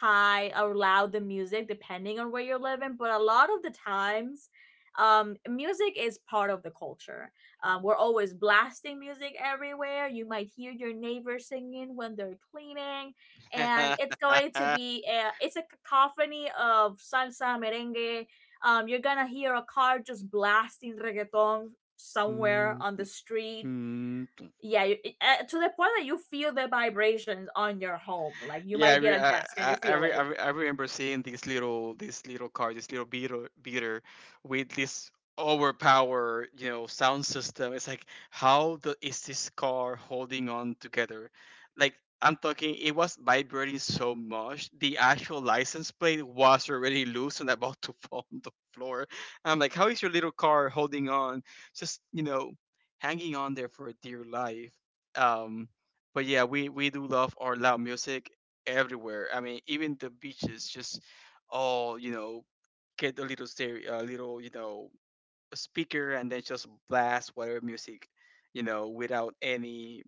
Speaker 1: high or loud, the music, depending on where you are living. But a lot of the times, music is part of the culture. We're always blasting music everywhere, you might hear your neighbor singing when they're cleaning, and it's going to be a cacophony of salsa, merengue. You're gonna hear a car just blasting reggaeton somewhere on the street.
Speaker 2: <laughs>
Speaker 1: Yeah. To the point that you feel the vibrations on your home, like you
Speaker 2: Yeah, I,
Speaker 1: might be
Speaker 2: re-
Speaker 1: at a desk and you
Speaker 2: I,
Speaker 1: feel
Speaker 2: re- I
Speaker 1: it.
Speaker 2: re- I remember seeing this little car, this little beater with this overpower, you know, sound system. It's like, how the is this car holding on together? Like, I'm talking, it was vibrating so much. The actual license plate was already loose and about to <laughs> fall on the floor. I'm like, how is your little car holding on? Just, you know, hanging on there for dear life. Um, but yeah, we do love our loud music everywhere. I mean, even the beaches, just all, you know, get a little stereo, a little, you know, speaker, and then just blast whatever music, you know, without any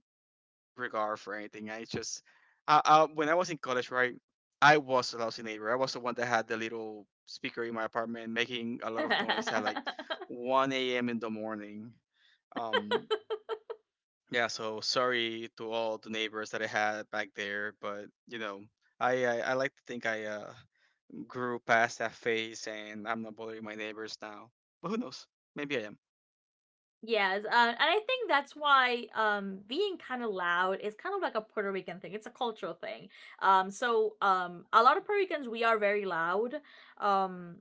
Speaker 2: regard for anything. I just, I, when I was in college, right, I was a lousy neighbor. I was the one that had the little speaker in my apartment making a lot of noise at like
Speaker 1: <laughs>
Speaker 2: 1 a.m. in the morning. Um, yeah, so sorry to all the neighbors that I had back there, but you know, I like to think I grew past that phase, and I'm not bothering my neighbors now. But who knows? Maybe I am.
Speaker 1: Yes, and I think that's why being kind of loud is kind of like a Puerto Rican thing. It's a cultural thing. So a lot of Puerto Ricans, we are very loud. um,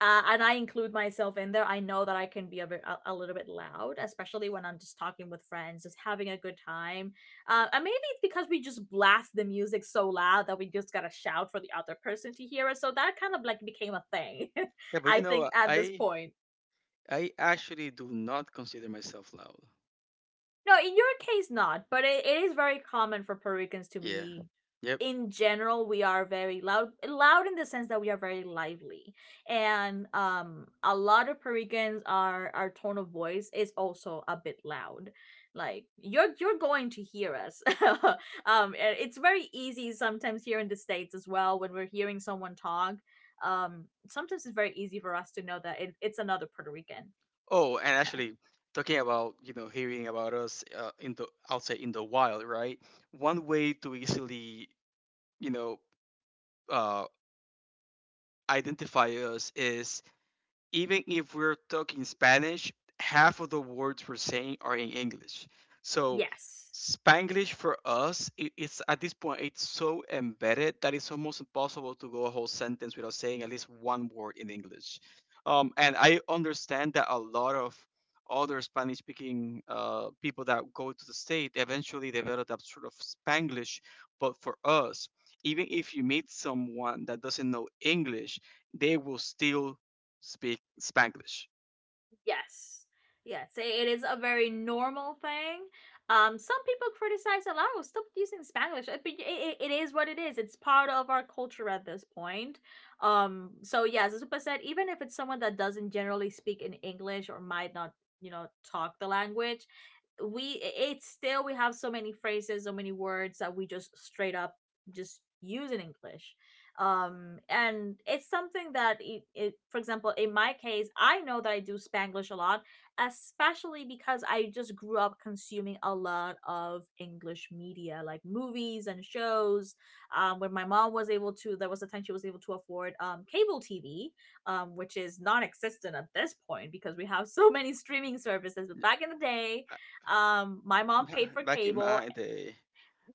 Speaker 1: and I include myself in there. I know that I can be a little bit loud, especially when I'm just talking with friends, just having a good time. And maybe it's because we just blast the music so loud that we just gotta shout for the other person to hear us. So that kind of like became a thing,
Speaker 2: Yeah,
Speaker 1: <laughs>
Speaker 2: but
Speaker 1: I
Speaker 2: you know,
Speaker 1: think, at this point.
Speaker 2: I actually do not consider myself loud.
Speaker 1: No, in your case, not. But it is very common for Puerto Ricans to
Speaker 2: Yeah.
Speaker 1: be,
Speaker 2: Yep.
Speaker 1: in general, we are very loud. Loud in the sense that we are very lively, and a lot of Puerto Ricans are our tone of voice is also a bit loud. Like you're going to hear us. <laughs> And it's very easy sometimes here in the states as well when we're hearing someone talk. Sometimes it's very easy for us to know that it's another Puerto Rican.
Speaker 2: Oh, and actually, talking about, you know, hearing about us in the outside, in the wild, right? One way to easily, you know, uh, identify us is, even if we're talking Spanish, half of the words we're saying are in English. So
Speaker 1: Yes.
Speaker 2: Spanglish for us, it's, at this point, it's so embedded that it's almost impossible to go a whole sentence without saying at least one word in English. And I understand that a lot of other Spanish-speaking people that go to the state eventually develop that sort of Spanglish. But for us, even if you meet someone that doesn't know English, they will still speak Spanglish.
Speaker 1: Yes. Yes, it is a very normal thing. Some people criticize a lot. We're still using Spanish, but it is what it is. It's part of our culture at this point. So yeah, as Zupa said, even if it's someone that doesn't generally speak in English or might not, talk the language, we I- it's still we have so many phrases, so many words that we just straight up just use in English. And it's something that it for example, in my case, I know that I do Spanglish a lot, especially because I just grew up consuming a lot of English media, like movies and shows. When my mom was able to there was a time she was able to afford cable TV, which is non-existent at this point because we have <laughs> so many streaming services. But back in the day, my mom
Speaker 2: Uh,
Speaker 1: paid
Speaker 2: <laughs>
Speaker 1: for
Speaker 2: Back in
Speaker 1: cable.
Speaker 2: my day.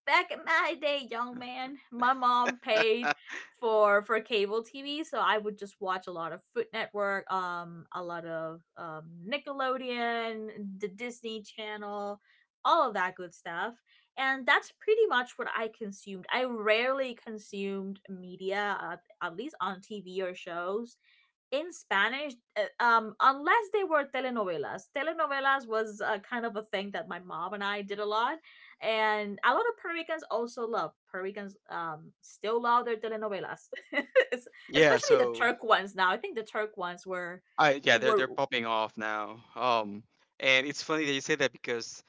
Speaker 1: Back in my day, young man, my mom paid
Speaker 2: <laughs>
Speaker 1: for cable TV, so I would just watch a lot of Food Network, a lot of Nickelodeon, the Disney Channel, all of that good stuff. And that's pretty much what I consumed. I rarely consumed media, at least on TV or shows in Spanish, unless they were telenovelas. Telenovelas was kind of a thing that my mom and I did a lot, and a lot of Puerto Ricans also love. Puerto Ricans still love their telenovelas. <laughs> Es-
Speaker 2: Yeah,
Speaker 1: Especially the
Speaker 2: so
Speaker 1: Turk ones. Now I think the Turk ones were
Speaker 2: I yeah, they're
Speaker 1: were
Speaker 2: popping off now. And it's funny that you say that because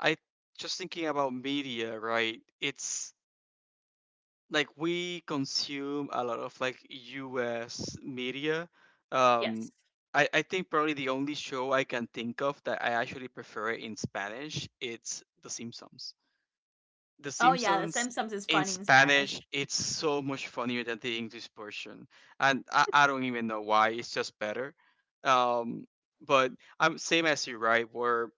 Speaker 2: I— just thinking about media, right? It's like we consume a lot of like US media.
Speaker 1: Yes.
Speaker 2: Um, I think probably the only show I can think of that I actually prefer in Spanish, it's The Simpsons. The
Speaker 1: Oh yeah, the
Speaker 2: Simpsons
Speaker 1: Simpsons is
Speaker 2: in
Speaker 1: funny in Spanish.
Speaker 2: Spanish, it's so much funnier than the English version, and I don't even know why. It's just better. Um, but I'm same as you, right? Where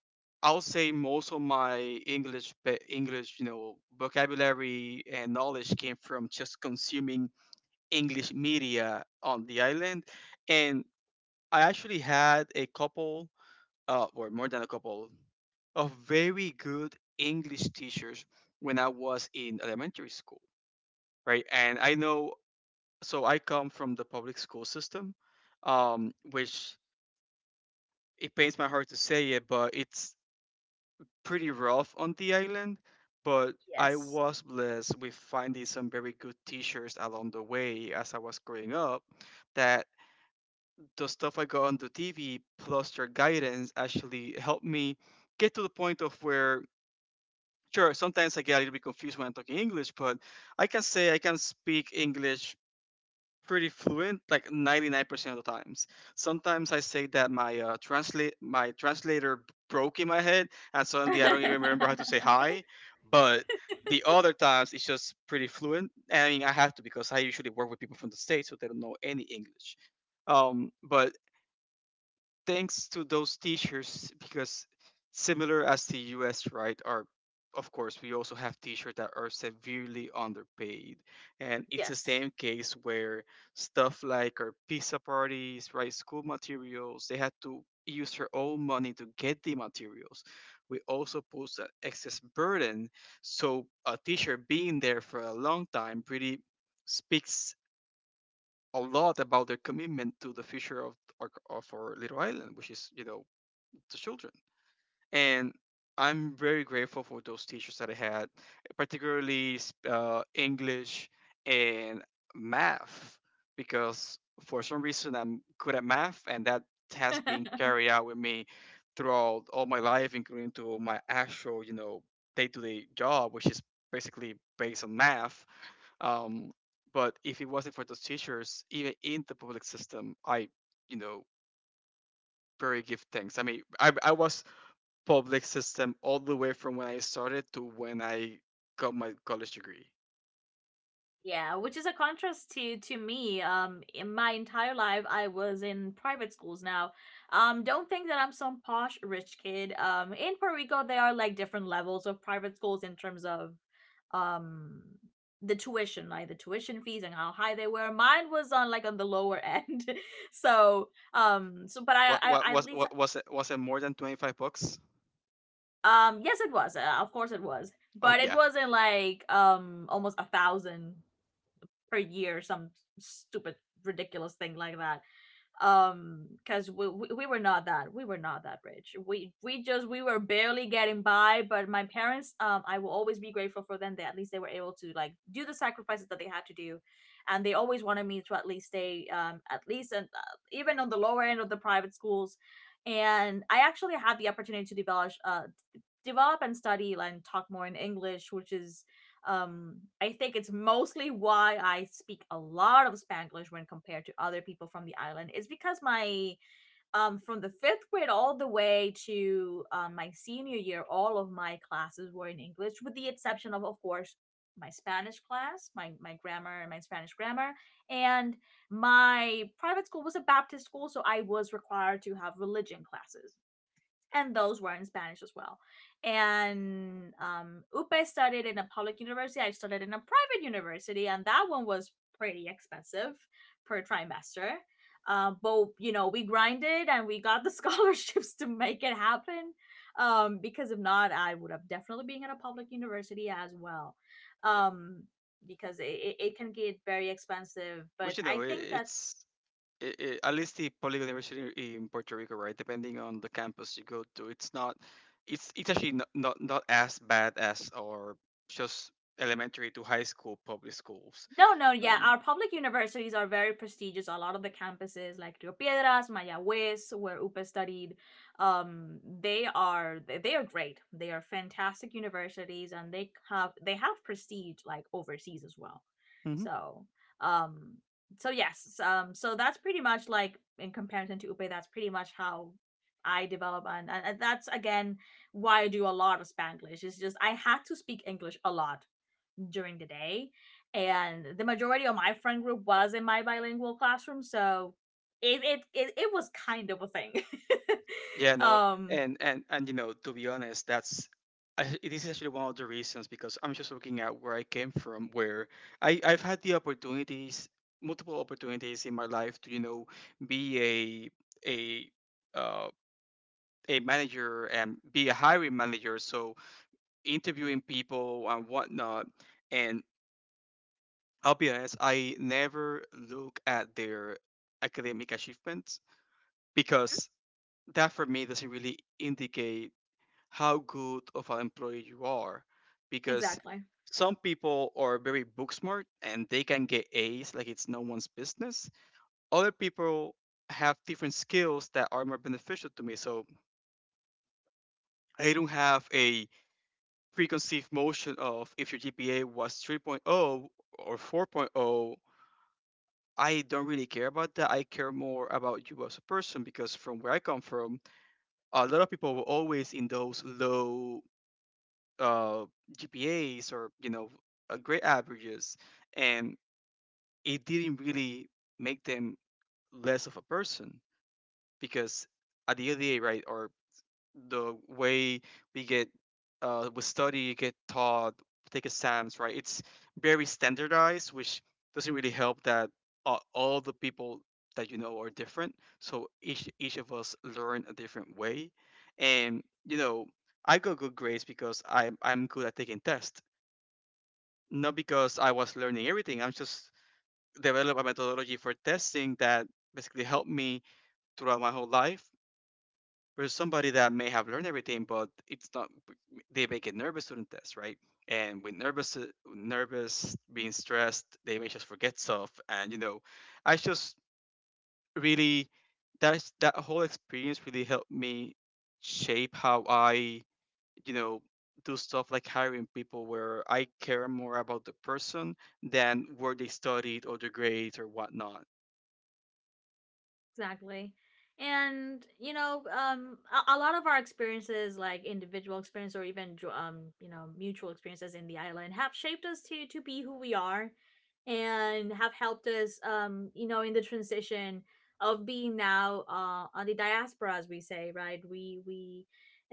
Speaker 2: I'll say most of my English, vocabulary and knowledge came from just consuming English media on the island, and I actually had a couple, or more than a couple, of very good English teachers when I was in elementary school, right? And I know, so I come from the public school system, which it pains my heart to say it, but it's pretty rough on the island. But I
Speaker 1: Yes.
Speaker 2: was blessed with finding some very good teachers along the way as I was growing up. That the stuff I got on the TV plus their guidance actually helped me get to the point of where sure, sometimes I get a little bit confused when I'm talking English, but I can say I can speak English pretty fluent, like 99% of the times. Sometimes I say that my translate my translator broke in my head, and suddenly I don't even
Speaker 1: <laughs>
Speaker 2: remember how to say hi. But the other times it's just pretty fluent. And I mean, I have to because I usually work with people from the states, so they don't know any English. But thanks to those t-shirts because similar as the US, right, are of course we also have t-shirts that are severely underpaid, and it's the
Speaker 1: Yes.
Speaker 2: same case where stuff like our pizza parties, right, school materials, they had to use their own money to get the materials. We also pose an excess burden, so a t-shirt being there for a long time pretty speaks a lot about their commitment to the future of our little island, which is the children. And I'm very grateful for those teachers that I had, particularly English and math, because for some reason I'm good at math, and that has been
Speaker 1: <laughs>
Speaker 2: carried out with me throughout all my life, including to my actual, day-to-day job, which is basically based on math. Um, but if it wasn't for those teachers, even in the public system, you know, very give thanks. I mean, I was public system all the way from when I started to when I got my college degree.
Speaker 1: Yeah, which is a contrast to me. In my entire life, I was in private schools. Now, don't think that I'm some posh rich kid. In Puerto Rico, there are like different levels of private schools in terms of, um, the tuition, like the tuition fees and how high they were. Mine was on the lower end. <laughs> So, but I,
Speaker 2: What
Speaker 1: I
Speaker 2: what
Speaker 1: I at
Speaker 2: was
Speaker 1: least,
Speaker 2: what was it, was it more than 25 bucks?
Speaker 1: yes, it was. Of course, it was,
Speaker 2: Oh
Speaker 1: but it
Speaker 2: yeah.
Speaker 1: wasn't like almost 1,000 per year, some stupid ridiculous thing like that. Because we were not that, we were not that rich. We just we were barely getting by. But my parents, I will always be grateful for them. They, at least they were able to like do the sacrifices that they had to do, and they always wanted me to at least stay, at least and even on the lower end of the private schools, and I actually had the opportunity to develop and study and talk more in English, which is, I think, it's mostly why I speak a lot of Spanglish when compared to other people from the island. It's because my from the fifth grade all the way to my senior year, all of my classes were in English, with the exception of course, my Spanish class, my grammar and my Spanish grammar, and my private school was a Baptist school, so I was required to have religion classes, and those were in Spanish as well. And Upe studied in a public university. I studied in a private university, and that one was pretty expensive per trimester. But you know, we grinded and we got the <laughs> scholarships to make it happen. Because if not, I would have definitely been at a public university as well.
Speaker 2: Yeah.
Speaker 1: Um, because it can get very expensive.
Speaker 2: Which
Speaker 1: But I
Speaker 2: it,
Speaker 1: think that...
Speaker 2: it's it, it, at least the public university in Puerto Rico, right? Depending on the campus you go to, it's not it's it's actually not as bad as our just elementary to high school public schools.
Speaker 1: No, no, yeah.
Speaker 2: Um,
Speaker 1: Our public universities are very prestigious. A lot of the campuses, like Rio Piedras, Mayagüez, where UPE studied, they are great. They are fantastic universities, and they have prestige like overseas as well. So, um, so, yes, so that's pretty much like, in comparison to UPE, that's pretty much how I develop, and that's again why I do a lot of Spanglish. It's just I had to speak English a lot during the day. And the majority of my friend group was in my bilingual classroom, so it was kind of a thing.
Speaker 2: Yeah,
Speaker 1: <laughs>
Speaker 2: no,
Speaker 1: um
Speaker 2: and to be honest, that's, I, it is actually one of the reasons because I'm just looking at where I came from, where I've had the opportunities, multiple opportunities in my life to be a a uh, a manager and be a hiring manager, so interviewing people and whatnot, and I'll be honest, I never look at their academic achievements because that for me doesn't really indicate how good of an employee you are because
Speaker 1: exactly.
Speaker 2: some people are very book smart and they can get A's like it's no one's business. Other people have different skills that are more beneficial to me. So I don't have a preconceived motion of if your GPA was 3.0 or 4.0. I don't really care about that. I care more about you as a person because from where I come from, a lot of people were always in those low uh, GPAs or grade averages, and it didn't really make them less of a person because at the LDA, right, or the way we get, we study, get taught, take exams, right, it's very standardized, which doesn't really help that all the people that are different. So each of us learn a different way, and I got good grades because I'm good at taking tests, not because I was learning everything. I'm just develop a methodology for testing that basically helped me throughout my whole life. Versus somebody that may have learned everything, but it's not. They may get nervous during tests, right? And with nervous, nervous, being stressed, they may just forget stuff. And I just really that whole experience really helped me shape how I you know do stuff like hiring people where I care more about the person than where they studied or their grades or whatnot.
Speaker 1: Exactly. And you know, a lot of our experiences, like individual experience or even mutual experiences in the island, have shaped us to be who we are, and have helped us, in the transition of being now, on the diaspora, as we say, right? We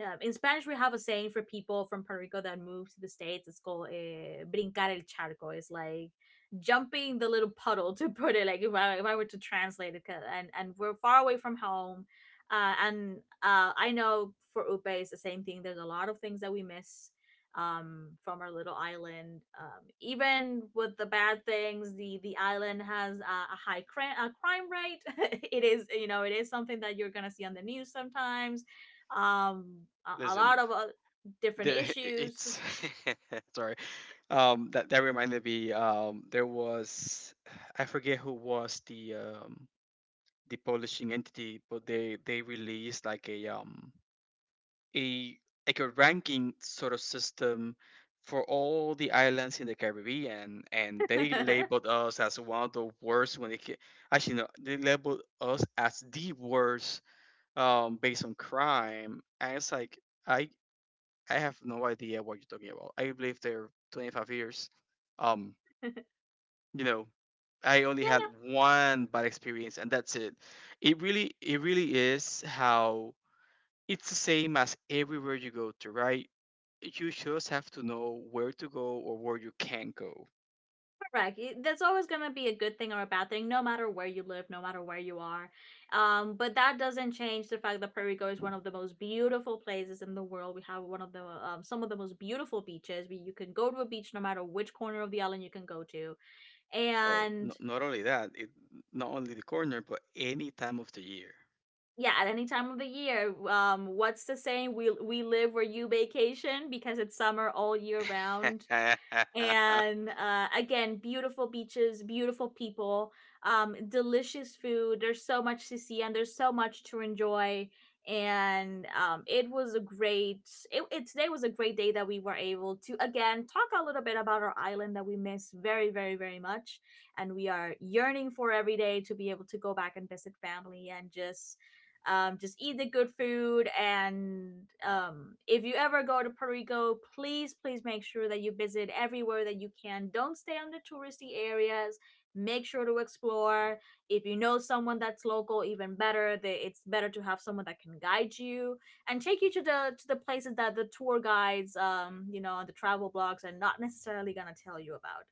Speaker 1: in Spanish we have a saying for people from Puerto Rico that move to the states. It's called, "brincar el charco." It's like jumping the little puddle, to put it like, if I were to translate it. And we're far away from home, and I know for Upe it's the same thing. There's a lot of things that we miss, from our little island. Even with the bad things, the island has a crime rate. <laughs> It is something that you're gonna see on the news sometimes, a lot
Speaker 2: Listen,
Speaker 1: of different
Speaker 2: <laughs> it's
Speaker 1: issues.
Speaker 2: <laughs> sorry. That that reminded me. There was <sighs> I forget who was the publishing entity, but they released like a like a ranking sort of system for all the islands in the Caribbean, and they
Speaker 1: <laughs>
Speaker 2: labeled us as one of the worst when actually no, they labeled us as the worst, based on crime, and it's like I I have no idea what you're talking about. I lived there 25 years. Um,
Speaker 1: Yeah.
Speaker 2: you know, I only had one bad experience, and that's it. It really is how it's the same as everywhere you go to, right? You just have to know where to go or where you can go.
Speaker 1: Correct. That's always going to be a good thing or a bad thing, no matter where you live, no matter where you are. But that doesn't change the fact that Puerto Rico is one of the most beautiful places in the world. We have one of the some of the most beautiful beaches. You can go to a beach no matter which corner of the island you can go to,
Speaker 2: Oh,
Speaker 1: and,
Speaker 2: no, not only not only the corner, but any time of the year.
Speaker 1: yeah, at any time of the year. What's the saying? We live where you vacation because it's summer all year round. And, again, beautiful beaches, beautiful people, delicious food. There's so much to see and there's so much to enjoy. And um, it was a great it, it today was a great day that we were able to again talk a little bit about our island that we miss very, very, very much, and we are yearning for every day to be able to go back and visit family, and just eat the good food. And if you ever go to Puerto Rico, please, please make sure that you visit everywhere that you can. Don't stay on the touristy areas. Make sure to explore. If you know someone that's local, even better. It's better to have someone that can guide you and take you to the places that the tour guides, the travel blogs, are not necessarily gonna tell you about.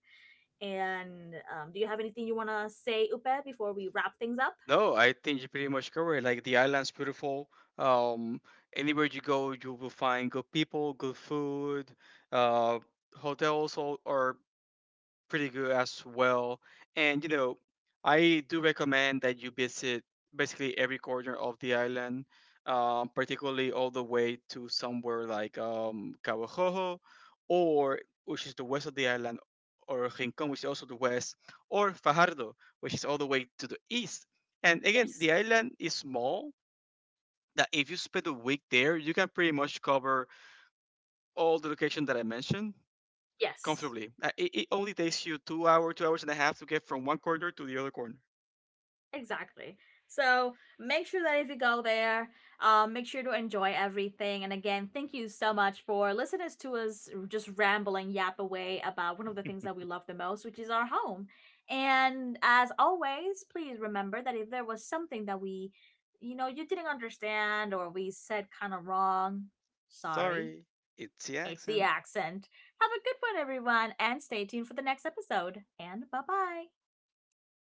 Speaker 1: And do you have anything you want to say, Upe, before we wrap things up?
Speaker 2: <laughs> No, I think you pretty much covered it. Like the island's beautiful. Um, anywhere you go, you will find good people, good food. Uh, hotels are pretty good as well. And I do recommend that you visit basically every corner of the island, particularly all the way to somewhere like Kawajojo, or which is the west of the island, or Rincon, which is also the west, or Fajardo, which is all the way to the east. And again,
Speaker 1: Yes.
Speaker 2: the island is small. That if you spend a week there, you can pretty much cover all the location that I mentioned
Speaker 1: Yes.
Speaker 2: comfortably. It, it only takes you 2 hours and a half to get from one corner to the other corner.
Speaker 1: Exactly. So make sure that if you go there, make sure to enjoy everything. And again, thank you so much for listening to us just rambling, yap away about one of the things that we love the most, which is our home. And as always, please remember that if there was something that you didn't understand or we said kind of wrong, sorry,
Speaker 2: Sorry, it's the
Speaker 1: it's the
Speaker 2: accent.
Speaker 1: accent. Have a good one, everyone, and stay tuned for the next episode. And bye bye.